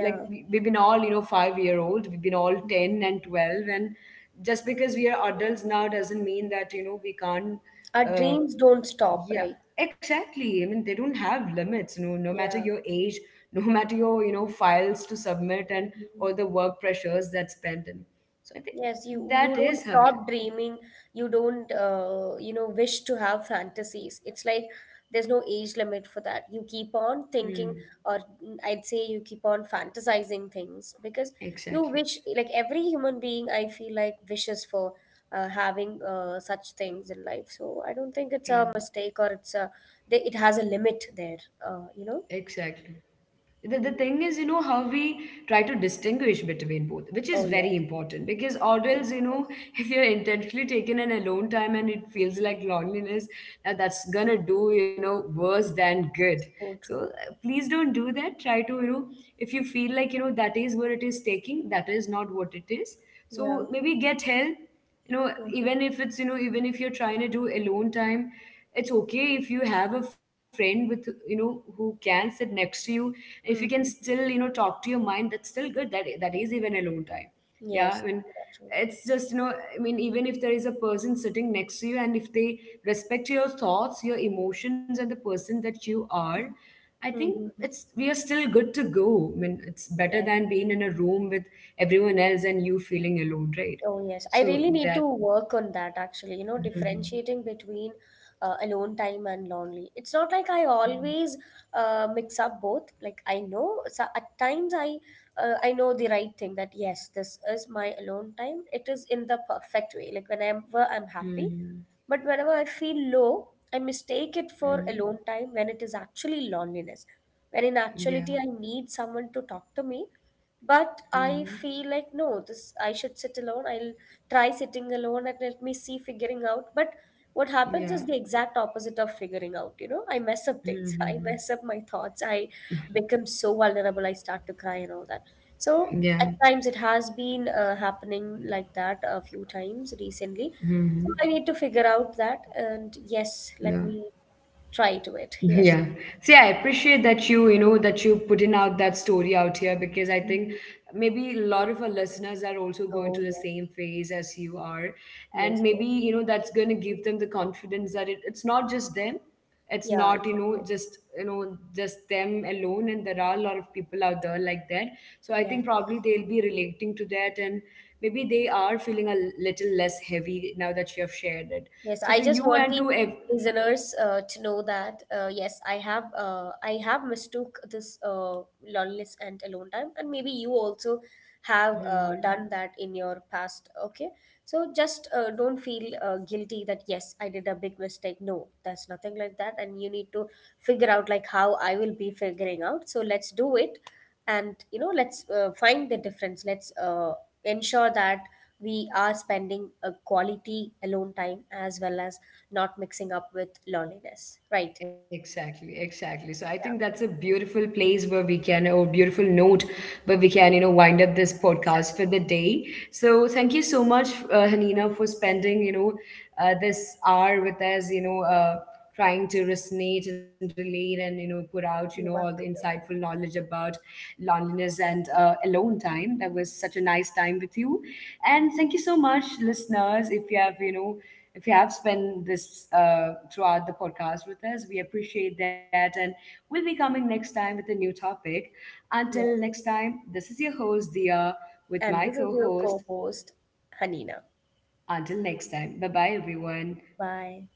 [SPEAKER 1] Like we've been all, 5-year-old old, we've been all 10 and 12, and just because we are adults now doesn't mean that, we can't,
[SPEAKER 2] Our
[SPEAKER 1] uh,
[SPEAKER 2] dreams don't stop, right?
[SPEAKER 1] yeah, exactly. I mean, they don't have limits, no matter
[SPEAKER 2] Yeah.
[SPEAKER 1] your age, no matter your, files to submit, and
[SPEAKER 2] Mm-hmm.
[SPEAKER 1] all the work pressures that's pending. So I think
[SPEAKER 2] Yes, you
[SPEAKER 1] that
[SPEAKER 2] don't
[SPEAKER 1] is how it
[SPEAKER 2] stop
[SPEAKER 1] is.
[SPEAKER 2] dreaming. You don't you know wish to have fantasies. It's like there's no age limit for that. You keep on thinking,
[SPEAKER 1] Mm,
[SPEAKER 2] or mm, I'd say you keep on fantasizing things because you
[SPEAKER 1] exactly.
[SPEAKER 2] wish, like every human being I feel like wishes for having such things in life. So I don't think it's a
[SPEAKER 1] Yeah,
[SPEAKER 2] mistake or it's a they, it has a limit there. Uh, you know.
[SPEAKER 1] exactly. The
[SPEAKER 2] Mm.
[SPEAKER 1] thing is, how we try to distinguish between both, which is
[SPEAKER 2] Oh
[SPEAKER 1] very
[SPEAKER 2] yes,
[SPEAKER 1] important. Because or
[SPEAKER 2] yes,
[SPEAKER 1] else,
[SPEAKER 2] yes.
[SPEAKER 1] if you're intentionally taking an alone time and it feels like loneliness, now that's gonna do, worse than good.
[SPEAKER 2] So
[SPEAKER 1] So
[SPEAKER 2] true.
[SPEAKER 1] please don't do that. Try to, if you feel like, that is where it is taking, that is not what it is, so
[SPEAKER 2] Yeah.
[SPEAKER 1] maybe get help. You know,
[SPEAKER 2] Hmm.
[SPEAKER 1] even if it's, even if you're trying to do alone time, it's okay if you have a friend with, who can sit next to you. If you can
[SPEAKER 2] Hmm.
[SPEAKER 1] still, talk to your mind, that's still good. That is even alone time. Yeah, I
[SPEAKER 2] Yes,
[SPEAKER 1] mean,
[SPEAKER 2] you're absolutely right.
[SPEAKER 1] it's just, I mean, even if there is a person sitting next to you, and if they respect your thoughts, your emotions, and the person that you are, I think
[SPEAKER 2] Mm-hmm.
[SPEAKER 1] it's, we are still good to go. I mean, it's better
[SPEAKER 2] Yes.
[SPEAKER 1] than being in a room with everyone else and you feeling alone, right?
[SPEAKER 2] Oh, yes. I
[SPEAKER 1] So
[SPEAKER 2] really need
[SPEAKER 1] that.
[SPEAKER 2] to work on that actually, you know,
[SPEAKER 1] Mhm.
[SPEAKER 2] differentiating between alone time and lonely. It's not like I always mix up both. Like I know, so at times I I know the right thing, that yes, this is my alone time. It is in the perfect way. Like whenever I'm happy,
[SPEAKER 1] Mhm.
[SPEAKER 2] but whenever I feel low, I mistake it for
[SPEAKER 1] Mhm.
[SPEAKER 2] alone time when it is actually loneliness. When in
[SPEAKER 1] Yeah.
[SPEAKER 2] actuality I need someone to talk to me. But I
[SPEAKER 1] Mhm.
[SPEAKER 2] feel like no, this I should sit alone. I'll try sitting alone and let me see, figuring out. But what happens
[SPEAKER 1] Yeah.
[SPEAKER 2] is the exact opposite of figuring out, you know? I mess up things. I
[SPEAKER 1] Mhm.
[SPEAKER 2] mess up my thoughts. I become so vulnerable. I start to cry and all that. So
[SPEAKER 1] Yeah.
[SPEAKER 2] at times it has been happening like that a few times recently. So
[SPEAKER 1] Mhm.
[SPEAKER 2] I need to figure out that. And yes, let
[SPEAKER 1] Yeah.
[SPEAKER 2] me try to it. Yes.
[SPEAKER 1] Yeah. See, I appreciate that you, that you putting out that story out here, because I think
[SPEAKER 2] Mhm.
[SPEAKER 1] maybe a lot of our listeners are also going
[SPEAKER 2] Oh,
[SPEAKER 1] through the
[SPEAKER 2] yes.
[SPEAKER 1] same phase as you are. And
[SPEAKER 2] Yes,
[SPEAKER 1] maybe,
[SPEAKER 2] yes.
[SPEAKER 1] that's going to give them the confidence that it's not just them. It's
[SPEAKER 2] Yeah,
[SPEAKER 1] not,
[SPEAKER 2] exactly.
[SPEAKER 1] just them alone. And there are a lot of people out there like that. So I
[SPEAKER 2] Yes.
[SPEAKER 1] think probably they'll be relating to that. And maybe they are feeling a little less heavy now that you have shared it.
[SPEAKER 2] Yes,
[SPEAKER 1] So
[SPEAKER 2] I
[SPEAKER 1] to
[SPEAKER 2] just
[SPEAKER 1] you
[SPEAKER 2] want
[SPEAKER 1] and
[SPEAKER 2] the
[SPEAKER 1] to
[SPEAKER 2] listeners to know that yes, I have mistook this loneliness and alone time, and maybe you also have
[SPEAKER 1] Mhm. Yeah.
[SPEAKER 2] done that in your past. Okay, so just don't feel guilty that yes, I did a big mistake. No, that's nothing like that, and you need to figure out like how I will be figuring out. So let's do it, and you know, let's find the difference, let's ensure that we are spending a quality alone time as well as not mixing up with loneliness, right?
[SPEAKER 1] Exactly, exactly. So I think
[SPEAKER 2] Yeah,
[SPEAKER 1] that's a beautiful place where we can, or beautiful note where we can, wind up this podcast
[SPEAKER 2] exactly.
[SPEAKER 1] for the day. So thank you so much, Hanina, for spending, this hour with us. You know, trying to resonate and relate, and put out, all the
[SPEAKER 2] You're welcome.
[SPEAKER 1] insightful
[SPEAKER 2] You're
[SPEAKER 1] knowledge
[SPEAKER 2] welcome.
[SPEAKER 1] about loneliness and alone time. That was such a nice time with you. And thank you so much, listeners. If you have, if you have spent this, throughout the podcast with us, we appreciate that. And we'll be coming next time with a new topic. Until next
[SPEAKER 2] Yes,
[SPEAKER 1] time, this is your host, Dia, with my
[SPEAKER 2] and this is your
[SPEAKER 1] co-host.
[SPEAKER 2] co-host, Hanina.
[SPEAKER 1] Until next time, bye bye everyone.
[SPEAKER 2] Bye.